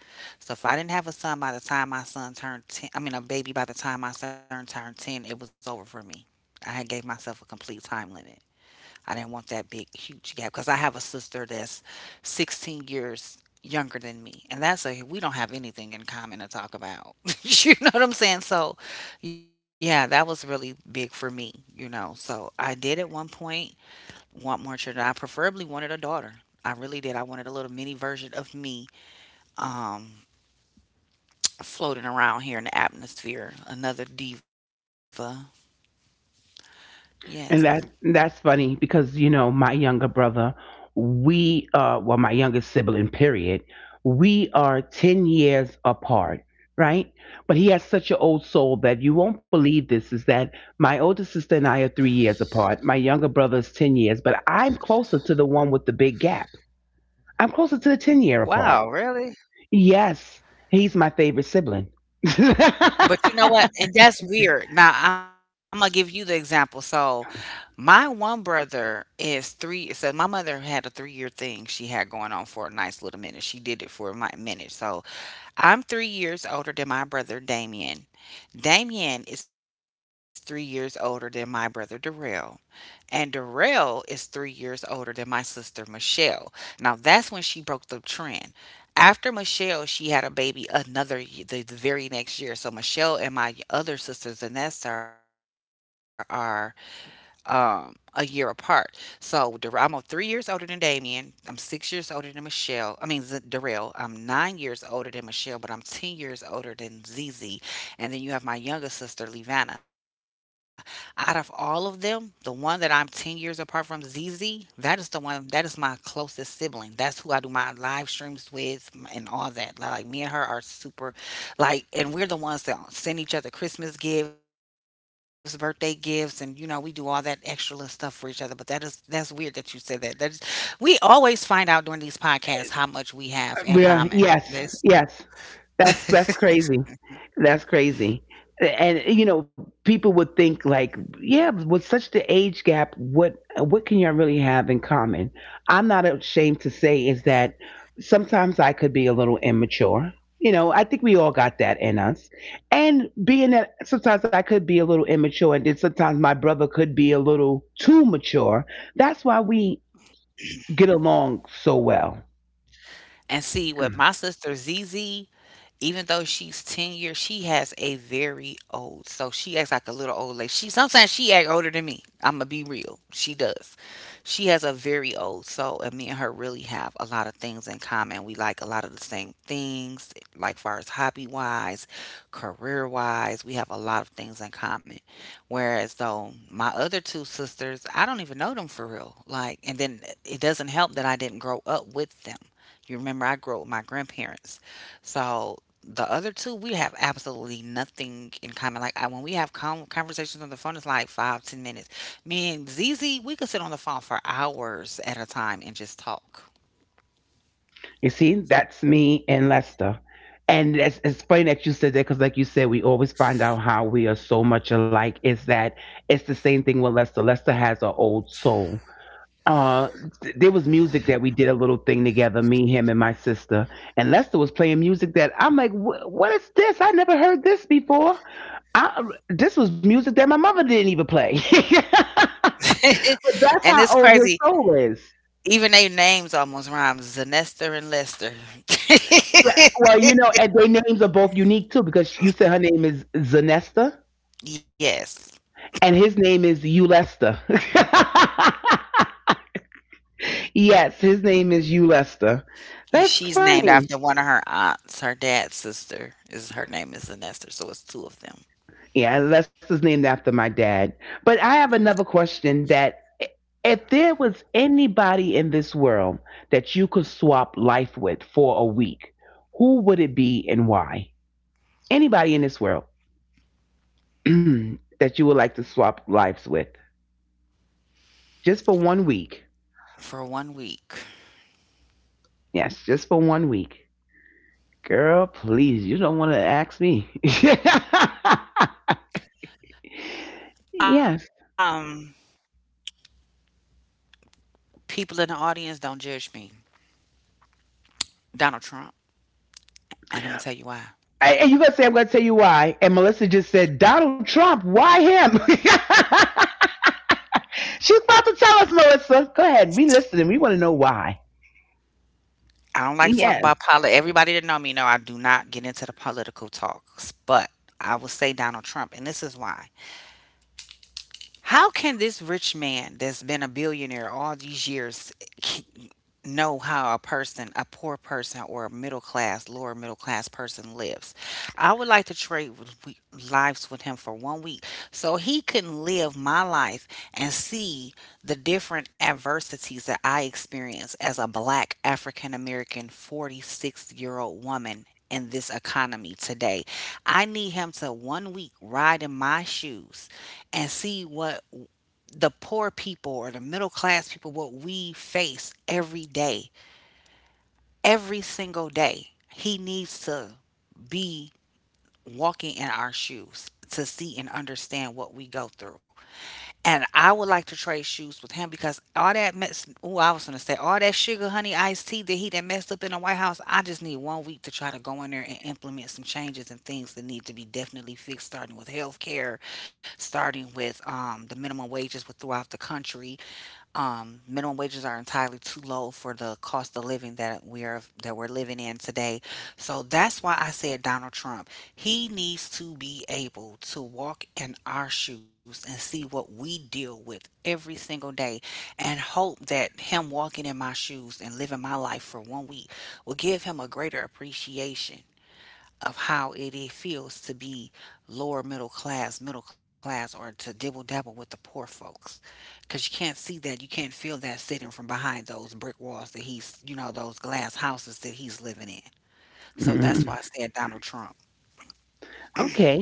[SPEAKER 2] So if I didn't have a son by the time my son turned ten, I mean, a baby by the time my son turned ten, it was over for me. I had gave myself a complete time limit. I didn't want that big, huge gap because I have a sister that's sixteen years younger than me. And that's a, we don't have anything in common to talk about. You know what I'm saying? So, yeah, that was really big for me, you know. So, I did at one point want more children. I preferably wanted a daughter. I really did. I wanted a little mini version of me um, floating around here in the atmosphere, another diva. Yes.
[SPEAKER 1] And that that's funny because you know my younger brother, we uh well, my youngest sibling period, we are ten years apart, right? But he has such an old soul that you won't believe. This is that my older sister and I are three years apart. My younger brother is ten years, but I'm closer to the one with the big gap. I'm closer to the ten year
[SPEAKER 2] Wow,
[SPEAKER 1] apart.
[SPEAKER 2] really?
[SPEAKER 1] Yes, he's my favorite sibling.
[SPEAKER 2] But you know what? And that's weird. Now, I'm gonna give you the example. So, my one brother is three. So, my mother had a three year thing she had going on for a nice little minute. She did it for a mi- minute. So, I'm three years older than my brother Damien. Damien is three years older than my brother Darrell. And Darrell is three years older than my sister Michelle. Now, that's when she broke the trend. After Michelle, she had a baby another y- the, the very next year. So Michelle and my other sisters, Anessa, are um, a year apart. So Dar- I'm a- three years older than Damien. I'm six years older than Michelle. I mean, Z- Darrell. I'm nine years older than Michelle, but I'm ten years older than Zizi. And then you have my younger sister, Levana. Out of all of them, the one that I'm ten years apart from, Zizi, that is the one, that is my closest sibling. That's who I do my live streams with and all that. Like, me and her are super like, and we're the ones that send each other Christmas gifts, birthday gifts, and you know we do all that extra little stuff for each other. But that is that's weird that you said that. That's we always find out during these podcasts how much we have in common.
[SPEAKER 1] Yeah,
[SPEAKER 2] This
[SPEAKER 1] yes, yes. That's that's crazy. That's crazy. And you know, people would think like, yeah, with such the age gap, what what can y'all really have in common? I'm not ashamed to say is that sometimes I could be a little immature. You know, I think we all got that in us. And being that sometimes I could be a little immature and then sometimes my brother could be a little too mature, that's why we get along so well.
[SPEAKER 2] and see with my sister Zz, even though she's ten years, she has a very old. So she acts like a little old lady. She sometimes she act older than me. I'ma be real. She does. She has a very old soul, and me and her really have a lot of things in common. We like a lot of the same things, like far as hobby wise, career wise. We have a lot of things in common. Whereas though my other two sisters, I don't even know them for real. Like, and then it doesn't help that I didn't grow up with them. You remember I grew up with my grandparents. So the other two, we have absolutely nothing in common. Like I, when we have con conversations on the phone, it's like five ten minutes. Me and Z Z, we could sit on the phone for hours at a time and just talk.
[SPEAKER 1] You see, that's me and Lester. And it's, it's funny that you said that because, like you said, we always find out how we are so much alike. Is that it's the same thing with Lester? Lester has an old soul. Uh, th- there was music that we did a little thing together, me, him, and my sister. And Lester was playing music that I'm like, "Wh- what is this? I never heard this before. I, this was music that my mother didn't even play." But that's
[SPEAKER 2] And it's
[SPEAKER 1] how old his
[SPEAKER 2] crazy,
[SPEAKER 1] soul is.
[SPEAKER 2] even their names almost rhyme, Zanester and Lester.
[SPEAKER 1] Right. Well, you know, and their names are both unique too because you said her name is Zanesta
[SPEAKER 2] Yes,
[SPEAKER 1] and his name is Ulesta. Yes, his name is Ulesta.
[SPEAKER 2] he,
[SPEAKER 1] That's
[SPEAKER 2] she's named
[SPEAKER 1] funny.
[SPEAKER 2] after one of her aunts. Her dad's sister is, her name is Zanester, so it's two of them.
[SPEAKER 1] Yeah, Lester's named after my dad. But I have another question that i- If there was anybody in this world that you could swap life with for a week, who would it be and why? Anybody in this world that you would like to swap lives with just for one week?
[SPEAKER 2] For one week.
[SPEAKER 1] Yes, just for one week. Girl, please, you don't want to ask me.
[SPEAKER 2] um
[SPEAKER 1] Yes.
[SPEAKER 2] people in the audience, don't judge me. Donald Trump. And I'm gonna tell you why.
[SPEAKER 1] And and you gonna say, "I'm gonna tell you why?" And Melissa just said Donald Trump. Why him? She's about to tell us, Melissa. Go ahead. We listening. We want to know why.
[SPEAKER 2] I don't like to talk about
[SPEAKER 1] Yes.
[SPEAKER 2] politics. Everybody that know me know I do not get into the political talks, but I will say Donald Trump, and this is why. How can this rich man that's been a billionaire all these years, eh, know how a person, a poor person or a middle class, lower middle class person lives? I would like to trade with we- lives with him for one week, so he can live my life and see the different adversities that I experience as a black African American forty-six year old woman in this economy today. I need him to one week ride in my shoes and see what the poor people or the middle class people, what we face every day, every single day. He needs to be walking in our shoes to see and understand what we go through. And I would like to trade shoes with him, because all that mess, oh, I was gonna say all that sugar honey iced tea that he that messed up in the White House, I just need one week to try to go in there and implement some changes and things that need to be definitely fixed, starting with health care, starting with um, the minimum wages with- throughout the country. um, minimum wages are entirely too low for the cost of living that we are that we're living in today. So that's why I said Donald Trump. He needs to be able to walk in our shoes and see what we deal with every single day, and hope that him walking in my shoes and living my life for one week will give him a greater appreciation of how it, it feels to be lower middle class, middle class, or to dibble dabble with the poor folks. Because you can't see that, you can't feel that sitting from behind those brick walls that he's, you know, those glass houses that he's living in. So
[SPEAKER 1] Mm.
[SPEAKER 2] that's why I said Donald Trump.
[SPEAKER 1] Okay.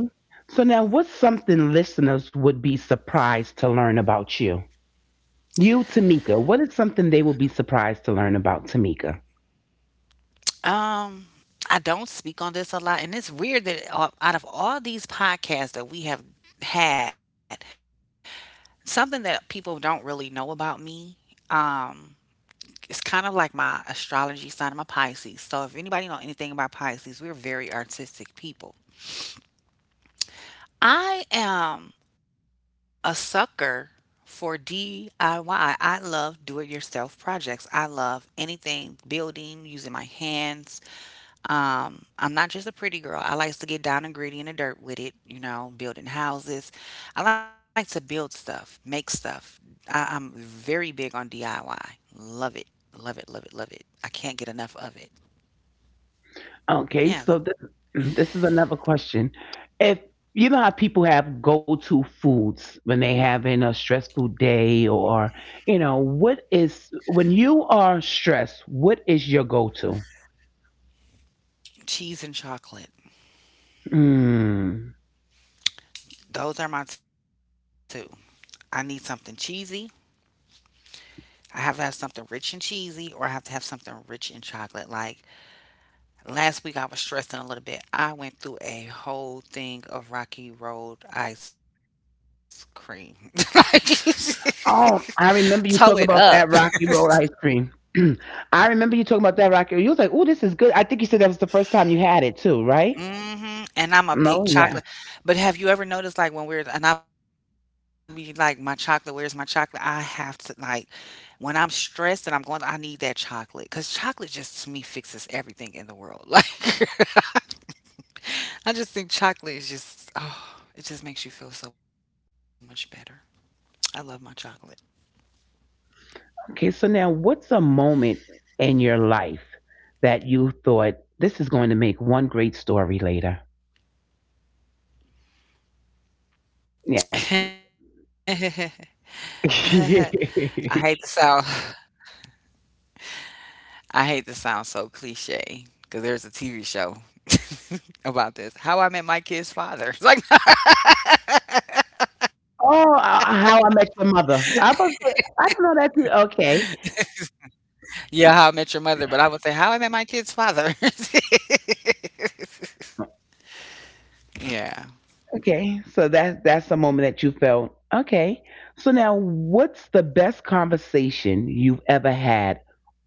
[SPEAKER 1] So now, what's something listeners would be surprised to learn about you? You, Tamika. What is something they will be surprised to learn about Tamika?
[SPEAKER 2] Um, I don't speak on this a lot, and it's weird that uh, out of all these podcasts that we have had, something that people don't really know about me, um, it's kind of like my astrology sign. I'm a Pisces. So if anybody know anything about Pisces, we're very artistic people. I am a sucker for D I Y. I Y. I love do it yourself projects. I love anything building, using my hands. Um, I'm not just a pretty girl. I like to get down and gritty in the dirt with it, you know, building houses. I like to build stuff, make stuff. I, I'm very big on D I Y. Love it. Love it, love it, love it. I can't get enough of it.
[SPEAKER 1] Okay, so this
[SPEAKER 2] Yeah,
[SPEAKER 1] this is another question. If you know how people have go-to foods when they having a stressful day or you know, what is when you are stressed, what is your go-to?
[SPEAKER 2] cheese and chocolate.
[SPEAKER 1] Mm.
[SPEAKER 2] Those are my two. I need something cheesy. I have to have something rich and cheesy, or I have to have something rich in chocolate. Like last week, I was stressing a little bit. I went through a whole thing of Rocky Road ice cream. Like,
[SPEAKER 1] Oh, I remember you
[SPEAKER 2] toe it
[SPEAKER 1] talking about
[SPEAKER 2] up.
[SPEAKER 1] that Rocky Road ice cream. I remember you talking about that Rocky. You was like, "Oh, this is good." I think you said that was the first time you had it too, right?
[SPEAKER 2] Mhm, and I'm a big
[SPEAKER 1] No.
[SPEAKER 2] chocolate, but have you ever noticed, like, when we're, and I'll be like, "My chocolate, where's my chocolate?" I have to, like, when I'm stressed and I'm going, I need that chocolate. Cause chocolate just, to me, fixes everything in the world, like, I just think chocolate is just, oh, it just makes you feel so much better. I love my chocolate.
[SPEAKER 1] Okay, so now what's a moment in your life that you thought this is going to make one great story later? Yes.
[SPEAKER 2] I hate to
[SPEAKER 1] Oh,
[SPEAKER 2] sound, I hate to sound so cliche. Cause there's a T V show about this, How I Met My Kid's Father. It's like,
[SPEAKER 1] uh, how I met your mother. I was I don't know that too. Okay.
[SPEAKER 2] yeah, How I Met Your Mother, but I would say How I Met My Kid's Father. Yeah.
[SPEAKER 1] Okay. So that's that's the moment that you felt okay. So now, what's the best conversation you've ever had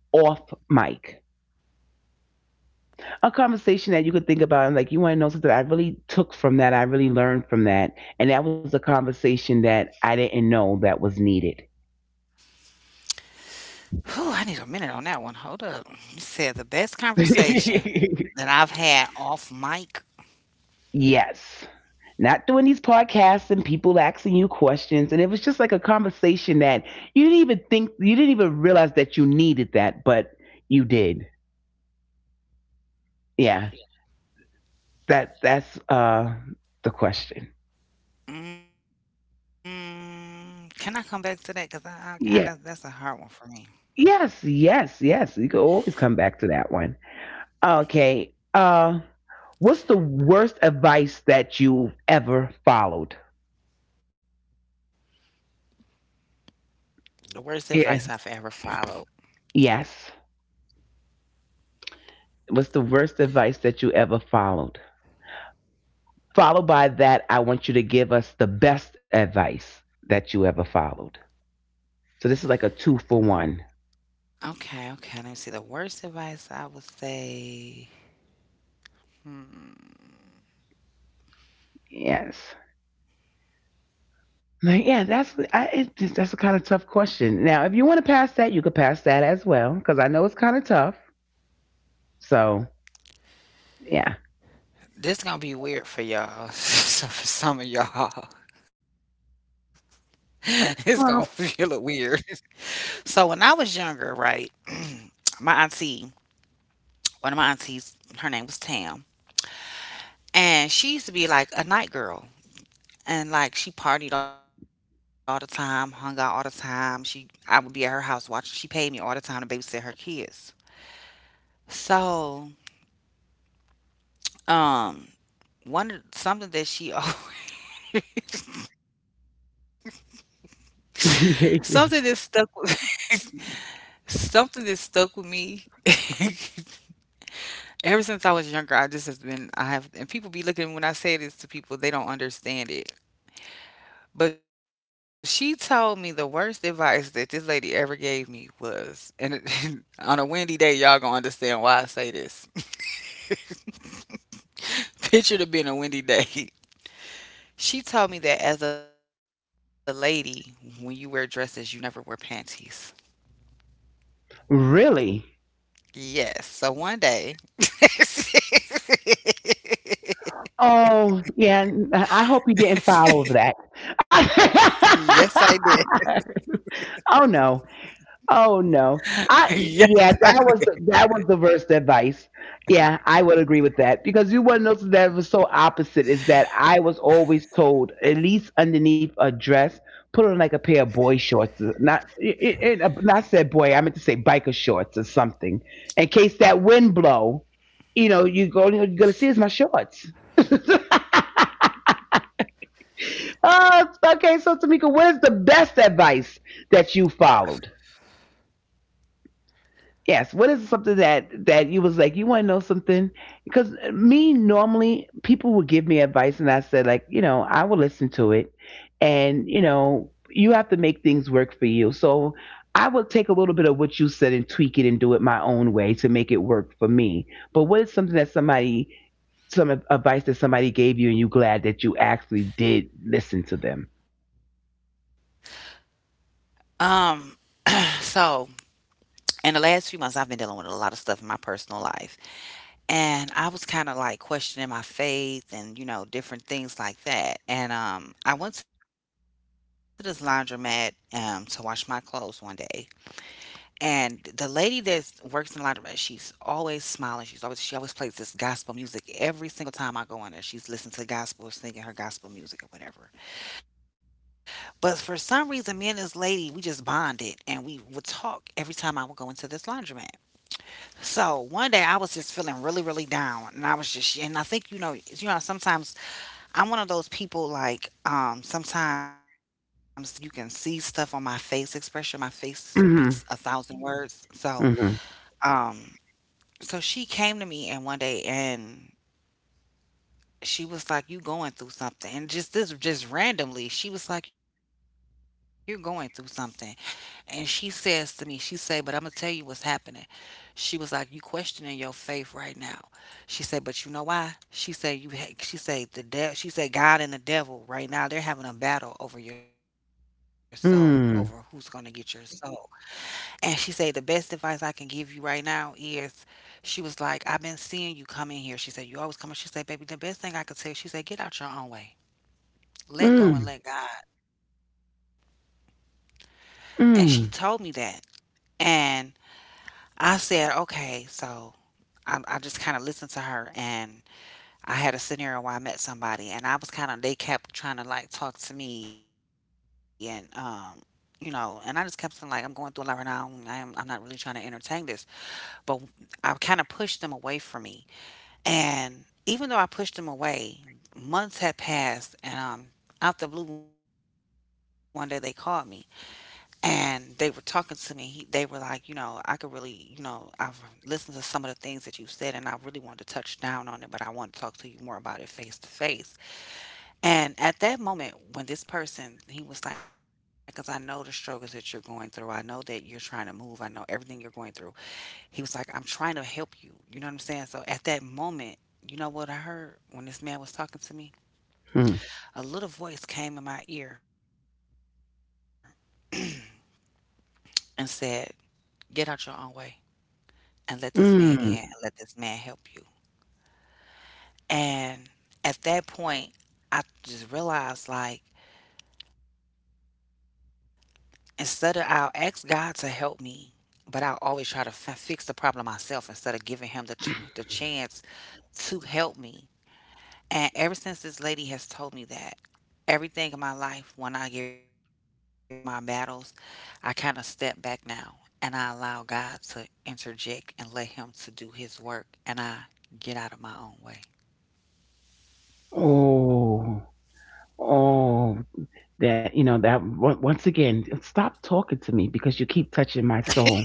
[SPEAKER 1] off mic? A conversation that you could think about and like you want to know something I really took from that, I really learned from that. And that was a conversation that I didn't know that was needed.
[SPEAKER 2] Whew, I need a minute on that one. Hold up. You said the best conversation that I've had off mic.
[SPEAKER 1] Yes. Not doing these podcasts and people asking you questions. And it was just like a conversation that you didn't even think you didn't even realize that you needed that, but you did. Yeah. That that's uh the question.
[SPEAKER 2] Mm, can I come back to that? Because I, I, I, that, that's a
[SPEAKER 1] Yeah.
[SPEAKER 2] hard one for me.
[SPEAKER 1] Yes, yes, yes. You could always come back to that one. Okay. Uh, what's the worst advice that you've ever followed?
[SPEAKER 2] The worst advice I've
[SPEAKER 1] Yeah.
[SPEAKER 2] ever followed.
[SPEAKER 1] Yes. What's the worst advice that you ever followed? Followed by that, I want you to give us the best advice that you ever followed. So this is like a two for one.
[SPEAKER 2] Okay, okay. Let me see. The worst advice, I would say. Hmm,
[SPEAKER 1] Yes. Like, yeah, that's I, it, just- that's a kind of tough question. Now, if you want to pass that, you could pass that as well, because I know it's kind of tough. So, yeah.
[SPEAKER 2] this gonna be weird for y'all. So for some of y'all, it's gonna be a little
[SPEAKER 1] Well,
[SPEAKER 2] weird. So when I was younger, right, my auntie, one of my aunties, her name was Tam, and she used to be like a night girl, and like she partied all the time, hung out all the time. She, I would be at her house watching. She paid me all the time to babysit her kids. So, um, one of- something that she, something that stuck, with- something that stuck with me. Ever since I was younger, I just has been I have, and people be looking when I say this to people, they don't understand it. But she told me, the worst advice that this lady ever gave me was, and it- on a windy day, y'all gonna understand why I say this. Picture it being a windy day. She told me that as a lady, when you wear dresses, you never wear panties.
[SPEAKER 1] really?
[SPEAKER 2] Yes. So one day,
[SPEAKER 1] Oh, yeah. n- I hope you didn't follow that.
[SPEAKER 2] yes, I did.
[SPEAKER 1] Oh, no. Oh no. I
[SPEAKER 2] Yes.
[SPEAKER 1] yeah, that was the that was the worst advice. Yeah, I would agree with that because you want to notice that it was so opposite is that I was always told at least underneath a dress put on like a pair of boy shorts, uh, not it, it, it- not said boy, I meant to say biker shorts or something in case that wind blow. You know, you go you're gonna see is my shorts. Oh, it's okay. So Tamika, what is the best advice that you followed? Yes. What is something that that you was like you want to know something? Because me normally people would give me advice, and I said like you know I will listen to it, and you know you have to make things work for you. So I would take a little bit of what you said and tweak it and do it my own way to make it work for me. But what is something that somebody some ad- advice that somebody gave you and you glad that you actually did listen to them?
[SPEAKER 2] Um. So in the last few months, I've been dealing with a lot of stuff in my personal life. And I was kinda, like, questioning my faith and, you know, different things like that, and, um, I went to this laundromat, um, to wash my clothes one day, and the lady that works in the laundromat, she's always smiling, she's always she always plays this gospel music every single time I go in there, she's listening to gospel, singing her gospel music or whatever, but for some reason, me and this lady, we just bonded, and we would talk every time I would go into this laundromat. So one day I was just feeling really, really down, and I was just, and I think, you know, you know, sometimes I'm one of those people like, um, sometimes you can see stuff on my face expression. My face speaks a thousand
[SPEAKER 1] Mm
[SPEAKER 2] words. So,
[SPEAKER 1] hmm. Mm hmm.
[SPEAKER 2] um, so she came to me and one day, and she was like, "You going through something?" And just this, just randomly, she was like, "You're going through something," and she says to me, she say, "But I'm gonna tell you what's happening." She was like, "You questioning your faith right now." She said, "But you know why?" She said, "You." ha- She said, "The devil." She said, "God and the devil right now, they're having a battle over your soul, over who's going to get your
[SPEAKER 1] Mm.
[SPEAKER 2] soul." And she said, "The best advice I can give you right now is," she was like, "I've been seeing you come in here." She said, "You always come in." She said, "Baby, the best thing I could tell you," she said, "Get out your own way. Let go and let
[SPEAKER 1] Mm.
[SPEAKER 2] God." And she told me that,
[SPEAKER 1] Mm.
[SPEAKER 2] and I said, "Okay." So I, I just kind of listened to her. And I had a scenario where I met somebody, and I was kind of, they kept trying to like talk to me, and, um, you know, and I just kept saying like, I'm going through a lot right now. I'm, I'm not really trying to entertain this, but w- I kind of pushed them away from me. And even though I pushed them away, months had passed and um, out the blue one day they called me, and they were talking to me. He, they were like, "You know, I could really, you know I've listened to some of the things that you said, and I really wanted to touch down on it, but I want to talk to you more about it face to face." And at that moment, when this person, he was like, "Because I know the struggles that you're going through. I know that you're trying to move. I know everything you're going through." He was like, "I'm trying to help you. You know what I'm saying?" So at that moment, you know what I heard when this man was talking to me?
[SPEAKER 1] Mm.
[SPEAKER 2] A little voice came in my ear and said, "Get out your own way and let this man in and
[SPEAKER 1] Mm.
[SPEAKER 2] let this man help you." And at that point, I just realized, like, instead of I'll ask God to help me, but I always try to f- fix the problem myself instead of giving him the ch- the chance to help me. And ever since this lady has told me that, everything in my life, when I get ready to try to tackle my battles, I kind of step back now and I allow God to interject and let Him to do His work, and I get out of my own way.
[SPEAKER 1] Oh. Oh, that you know that on- once again. Stop talking to me because you keep touching my soul.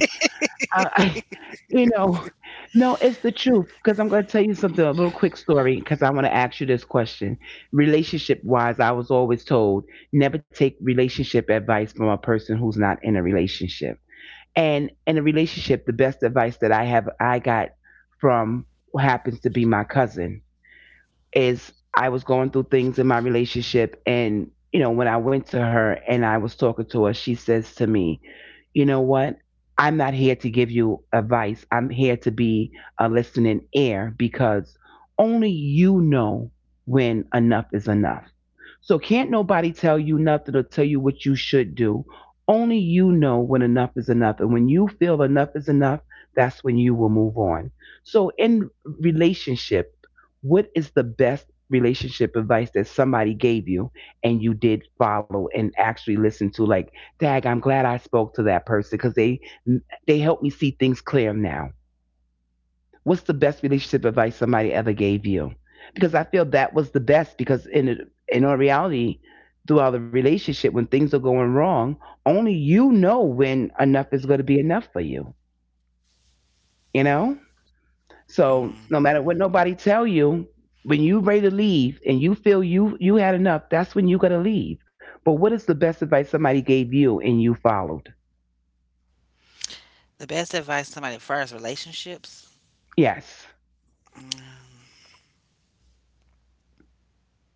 [SPEAKER 1] I, I you know, no, it's the truth. Because I'm going to tell you something, a little quick story. Because I want to ask you this question. Relationship wise, I was always told never take relationship advice from a person who's not in a relationship. And in a relationship, the best advice that I have, I got from who happens to be my cousin is I was going through things in my relationship and you know when I went to her and I was talking to her she says to me, you know what? I'm not here to give you advice. I'm here to be a listening ear because only you know when enough is enough. So can't nobody tell you nothing or tell you what you should do. Only you know when enough is enough. And when you feel enough is enough, that's when you will move on. So in relationship, what is the best relationship advice that somebody gave you and you did follow and actually listen to? Like, Dag, I'm glad I spoke to that person because they they helped me see things clear now. What's the best relationship advice somebody ever gave you? Because I feel that was the best because in in all reality, throughout the relationship, when things are going wrong, only you know when enough is going to be enough for you. You know, so
[SPEAKER 2] Mm.
[SPEAKER 1] no matter what nobody tell you, when you ready to leave and you feel you you had enough, that's when you got to leave. But what is the best advice somebody gave you and you followed?
[SPEAKER 2] The best advice somebody for as relationships.
[SPEAKER 1] Yes.
[SPEAKER 2] Mm,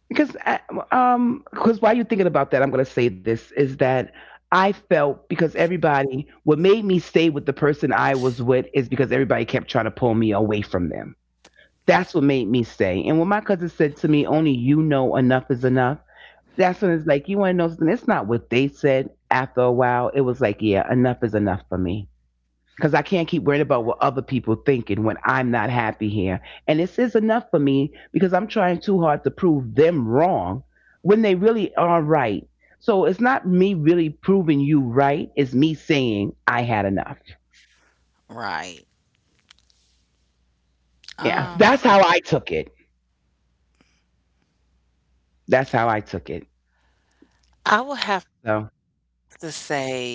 [SPEAKER 1] Because I, um because while you're thinking about that, I'm going to say this is that I felt, because everybody, what made me stay with the person I was with is because everybody kept trying to pull me away from them. That's what made me stay. And when my cousin said to me only you know enough is enough, that's when it's like, you want to know something? It's not what they said. After a while it was like, yeah, enough is enough for me, because I can't keep worrying about what other people thinking when I'm not happy here. And this is enough for me because I'm trying too hard to prove them wrong when they really are right. So it's not me really proving you right, it's me saying I had enough.
[SPEAKER 2] right? Um,
[SPEAKER 1] Yeah,
[SPEAKER 2] for
[SPEAKER 1] that's how I took it. That's how I took it.
[SPEAKER 2] I would have to
[SPEAKER 1] So
[SPEAKER 2] say for me.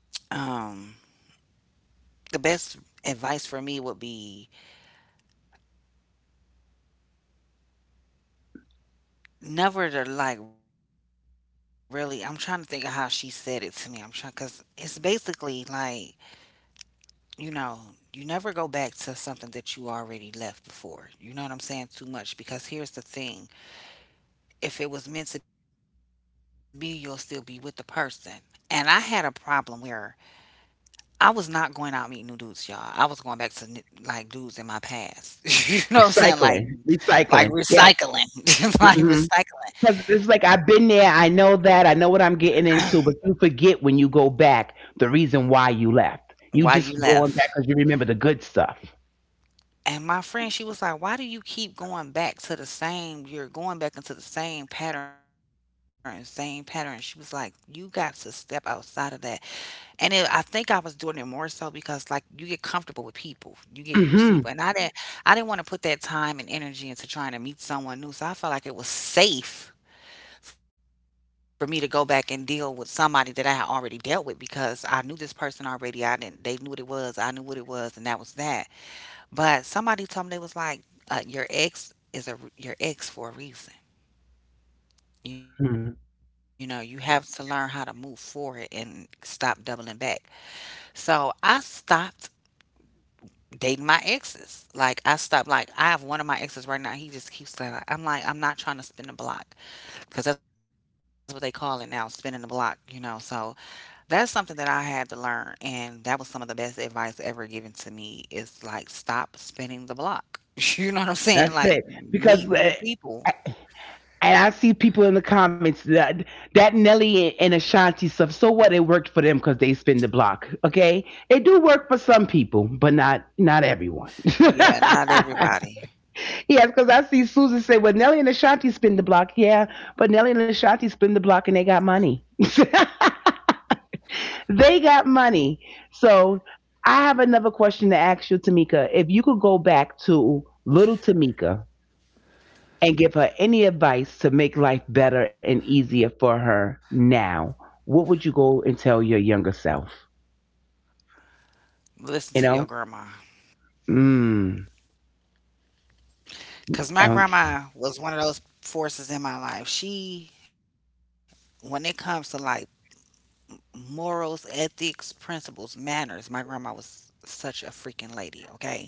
[SPEAKER 2] um. The best advice for me would be never to like really. I'm trying to think of how she said it to me. I'm trying, because it's basically like, you know you never go back to something that you already left before. You know what I'm saying? Too much, because here's the thing: if it was meant to be, you'll still be with the person. And I had a problem where I was not going out meeting new dudes, y'all. I was going back to ni- like dudes in my past. You know what I'm saying? Like
[SPEAKER 1] recycling,
[SPEAKER 2] like
[SPEAKER 1] recycling. Yes.
[SPEAKER 2] recycling, like
[SPEAKER 1] Hmm.
[SPEAKER 2] recycling.
[SPEAKER 1] Because it's like I've been there, I know that, I know what I'm getting into, but you forget when you go back the reason why you left.
[SPEAKER 2] Why
[SPEAKER 1] You
[SPEAKER 2] you
[SPEAKER 1] just going
[SPEAKER 2] left?
[SPEAKER 1] back because you remember the good stuff.
[SPEAKER 2] And my friend, she was like, "Why do you keep going back to the same? You're going back into the same pattern, same pattern." She was like, "You got to step outside of that." And it, I think I was doing it more so because, like, you get comfortable with people, you get used to people. And I
[SPEAKER 1] Hmm.
[SPEAKER 2] didn't, I didn't want to put that time and energy into trying to meet someone new. So I felt like it was safe for me to go back and deal with somebody that I had already dealt with, because I knew this person already. I didn't, they knew what it was. I knew what it was. And that was that. But somebody told me, they was like, uh, your ex is a your ex for a reason. You know, you have to learn how to move forward and stop doubling back. So I stopped dating my exes. Like I stopped. Like I have one of my exes right now. He just keeps saying, I'm like, I'm not trying to spin the block, because that's what they call it now, spinning the block. You know, so that's something that I had to learn, and that was some of the best advice ever given to me, is like stop spinning the block. You know what I'm saying?
[SPEAKER 1] That's
[SPEAKER 2] Like
[SPEAKER 1] it.
[SPEAKER 2] meet
[SPEAKER 1] Because
[SPEAKER 2] new
[SPEAKER 1] uh,
[SPEAKER 2] people.
[SPEAKER 1] and I see people in the comments that that Nelly and Ashanti stuff. So what? It worked for them because they spin the block. Okay, it do work for some people, but not not everyone.
[SPEAKER 2] Yeah, not everybody.
[SPEAKER 1] Yes, because I see Susan say, "Well, Nelly and Ashanti spin the block." Yeah, but Nelly and Ashanti spin the block, and they got money. They got money. So I have another question to ask you, Tamika. If you could go back to little Tamika and give her any advice to make life better and easier for her now, what would you go and tell your younger self?
[SPEAKER 2] Listen to your
[SPEAKER 1] You
[SPEAKER 2] grandma.
[SPEAKER 1] know? Mm.
[SPEAKER 2] Cause my grandma
[SPEAKER 1] Okay.
[SPEAKER 2] was one of those forces in my life. She When it comes to like morals, ethics, principles, manners, my grandma was such a freaking lady, okay?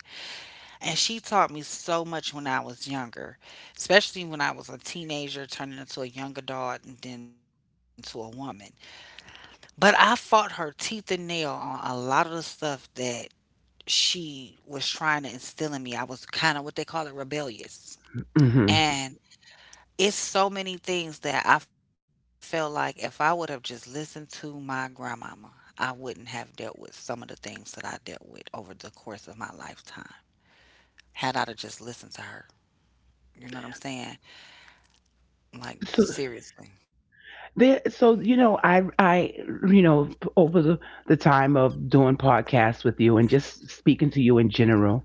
[SPEAKER 2] And she taught me so much when I was younger, especially when I was a teenager turning into a young adult and then to a woman. But I fought her teeth and nail on a lot of the stuff that she was trying to instill in me. I was kind of what they call it rebellious. And
[SPEAKER 1] Hmm.
[SPEAKER 2] it's so many things that I felt like if I would have just listened to my grandmama, I wouldn't have dealt with some of the things that I dealt with over the course of my lifetime had I to just listened to her. You know what I'm saying? Like
[SPEAKER 1] So
[SPEAKER 2] seriously.
[SPEAKER 1] there. So you know, I I you know over the the time of doing podcasts with you and just speaking to you in general,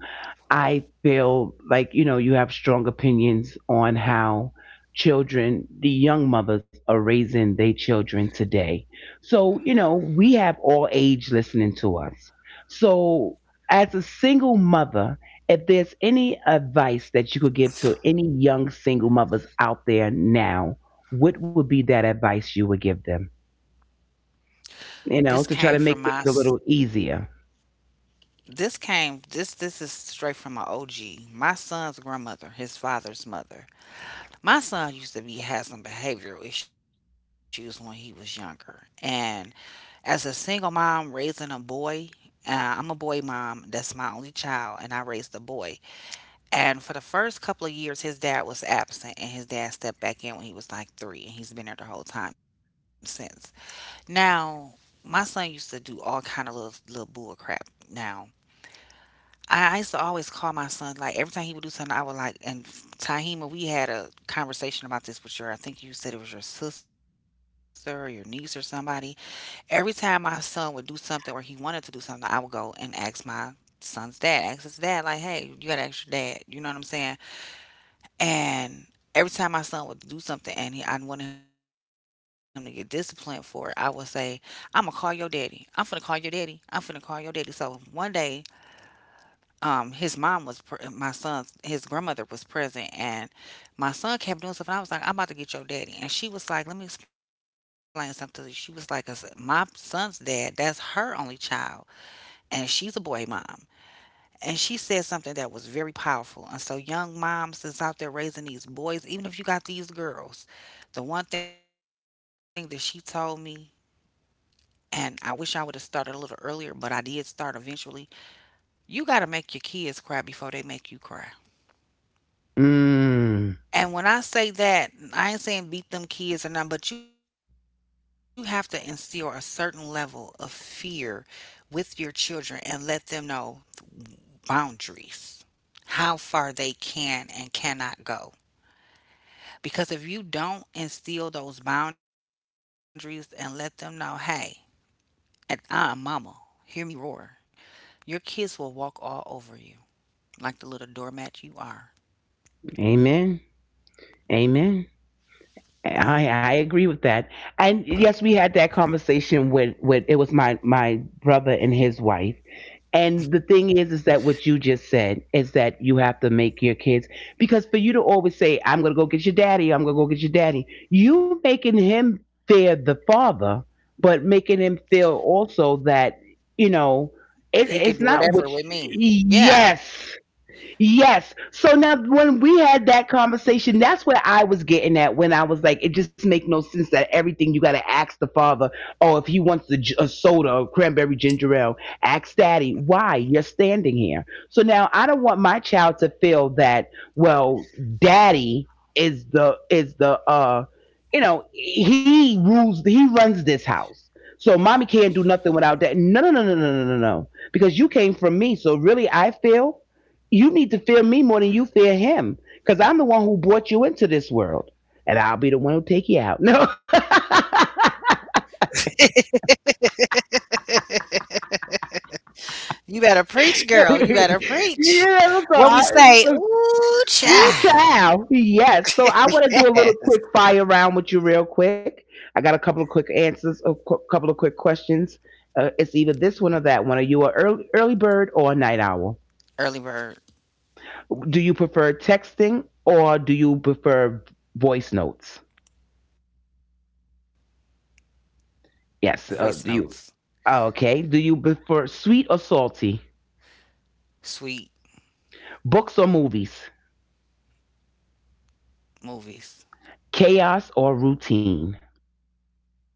[SPEAKER 1] I feel like, you know, you have strong opinions on how children, the young mothers, are raising their children today. So, you know, we have all age listening to us. So, as a single mother, if there's any advice that you could give to any young single mothers out there now, what would be that advice you would give them?
[SPEAKER 2] This came from
[SPEAKER 1] You
[SPEAKER 2] my
[SPEAKER 1] know, to
[SPEAKER 2] s-
[SPEAKER 1] try to make things a little easier.
[SPEAKER 2] this came this this is straight from my O G. My son's grandmother, his father's mother. My son used to be had some behavioral issues when he was younger. And as a single mom raising a boy, uh, I'm a boy mom. That's my only child, and I raised a boy. And for the first couple of years, his dad was absent, and his dad stepped back in when he was like three, and he's been there the whole time since. Now, my son used to do all kind of little little bull crap. Now, I, I used to always call my son like every time he would do something, I would like. And Tahima, we had a conversation about this with your. I think you said it was your sister or your niece or somebody. Every time my son would do something or he wanted to do something, I would go and ask my son's dad, ask his dad like, "Hey, you got to ask your dad." You know what I'm saying? And every time my son would do something and he, I wanted him to get disciplined for it, I would say, "I'm going to call your daddy. I'm finna call your daddy. I'm finna call your daddy." So one day, um, his mom was, pre- my son's, his grandmother was present and my son kept doing stuff. And I was like, "I'm about to get your daddy." And she was like, "Let me explain something to you." She was like, "As my son's dad, that's her only child. And she's a boy mom." And she said something that was very powerful. And so, young moms that's out there raising these boys, even if you got these girls, the one thing that she told me, and I wish I would have started a little earlier, but I did start eventually: you got to make your kids cry before they make you cry.
[SPEAKER 1] Mm,
[SPEAKER 2] And when I say that, I ain't saying beat them kids or nothing, but you have to instill a certain level of fear with your children and let them know boundaries, how far they can and cannot go. Because if you don't instill those boundaries and let them know, "Hey, and I'm mama, hear me roar," your kids will walk all over you like the little doormat you are.
[SPEAKER 1] amen. Amen. I, I agree with that. And yes, we had that conversation with, with it was my, my brother and his wife. And the thing is, is that what you just said is that you have to make your kids, because for you to always say, "I'm going to go get your daddy, I'm going to go get your daddy," you making him fear the father, but making him feel also that, you know,
[SPEAKER 2] He
[SPEAKER 1] it,
[SPEAKER 2] can do
[SPEAKER 1] it's not
[SPEAKER 2] whatever
[SPEAKER 1] what,
[SPEAKER 2] with me.
[SPEAKER 1] you,
[SPEAKER 2] Yeah.
[SPEAKER 1] yes. Yes. So now when we had that conversation, that's where I was getting at when I was like, it just make no sense that everything you got to ask the father, oh, if he wants the, j- a soda or cranberry ginger ale, ask daddy, why? You're standing here. So now I don't want my child to feel that, well, daddy is the, is the, uh, you know, he rules, he runs this house. So mommy can't do nothing without that. No, no, no, no, no, no, no, no. Because you came from me. So really, I feel you need to fear me more than you fear him because I'm the one who brought you into this world and I'll be the one who take you out. No.
[SPEAKER 2] You better preach, girl. You better preach. What we
[SPEAKER 1] Yeah, so
[SPEAKER 2] say,
[SPEAKER 1] I, so,
[SPEAKER 2] ooh,
[SPEAKER 1] woo
[SPEAKER 2] child.
[SPEAKER 1] child. Yes. So I want to do a
[SPEAKER 2] Yes.
[SPEAKER 1] little quick fire round with you real quick. I got a couple of quick answers, a qu- couple of quick questions. Uh, it's either this one or that one. Are you a early, early bird or a night owl?
[SPEAKER 2] Early bird.
[SPEAKER 1] Do you prefer texting or do you prefer voice notes?
[SPEAKER 2] Voice notes.
[SPEAKER 1] Yes. Uh, do you? Ah, okay. Do you prefer sweet or salty?
[SPEAKER 2] Sweet.
[SPEAKER 1] Books or movies?
[SPEAKER 2] Movies.
[SPEAKER 1] Chaos or routine?
[SPEAKER 2] Routine.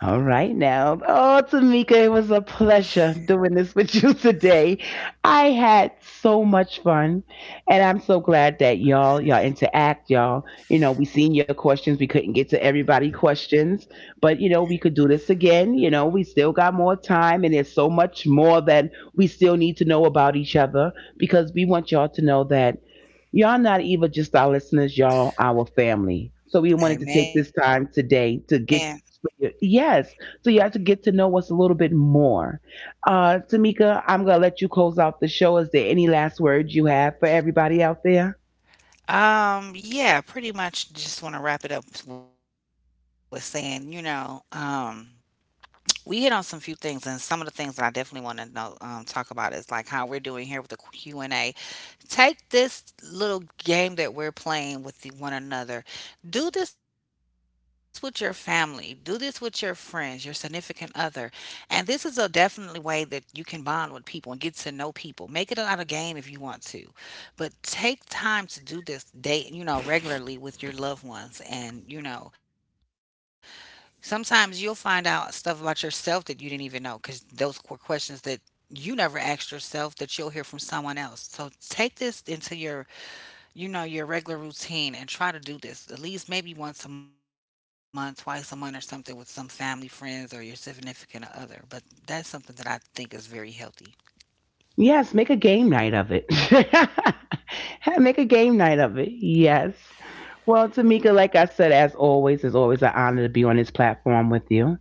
[SPEAKER 1] All right now. Oh, Tamika, it was a pleasure doing this with you today. I had so much fun, and I'm so glad that y'all y'all interact, y'all. You know, we seen your questions. We couldn't get to everybody' questions, but you know, we could do this again. You know, we still got more time, and there's so much more that we still need to know about each other because we want y'all to know that y'all not even just our listeners, y'all our family. So we wanted to take
[SPEAKER 2] Amen.
[SPEAKER 1] this time today to get. Yes. So you have to get to know us a little bit more. Uh Tamika, I'm gonna let you close out the show. Is there any last words you have for everybody out there?
[SPEAKER 2] Um, yeah, pretty much just want to wrap it up with saying, you know, um, we hit on some few things, and some of the things that I definitely want to know um talk about is like how we're doing here with the Q and A. Take this little game that we're playing with the- one another. Do this with your family, do this with your friends, your significant other. And this is a definitely way that you can bond with people and get to know people. Make it out a game if you want to. But take time to do this date, you know, regularly with your loved ones, and you know, sometimes you'll find out stuff about yourself that you didn't even know, cuz those qu- questions that you never asked yourself that you'll hear from someone else. So take this into your, you know, your regular routine and try to do this at least maybe once a month, twice a month or something with some family, friends, or your significant other. But that's something that I think is very healthy.
[SPEAKER 1] Yes, make a game night of it. Make a game night of it. Yes. Well, Tamika, like I said, as always, it's always an honor to be on this platform with you.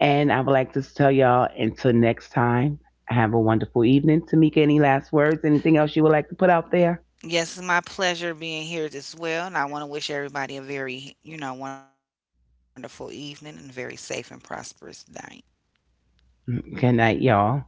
[SPEAKER 1] And I would like to tell y'all until next time, have a wonderful evening. Tamika, any last words? Anything else you would like to put out there?
[SPEAKER 2] Yes, it's my pleasure being here as well, and I want to wish everybody a very you know, wonderful evening and a very safe and prosperous day.
[SPEAKER 1] Good night, y'all.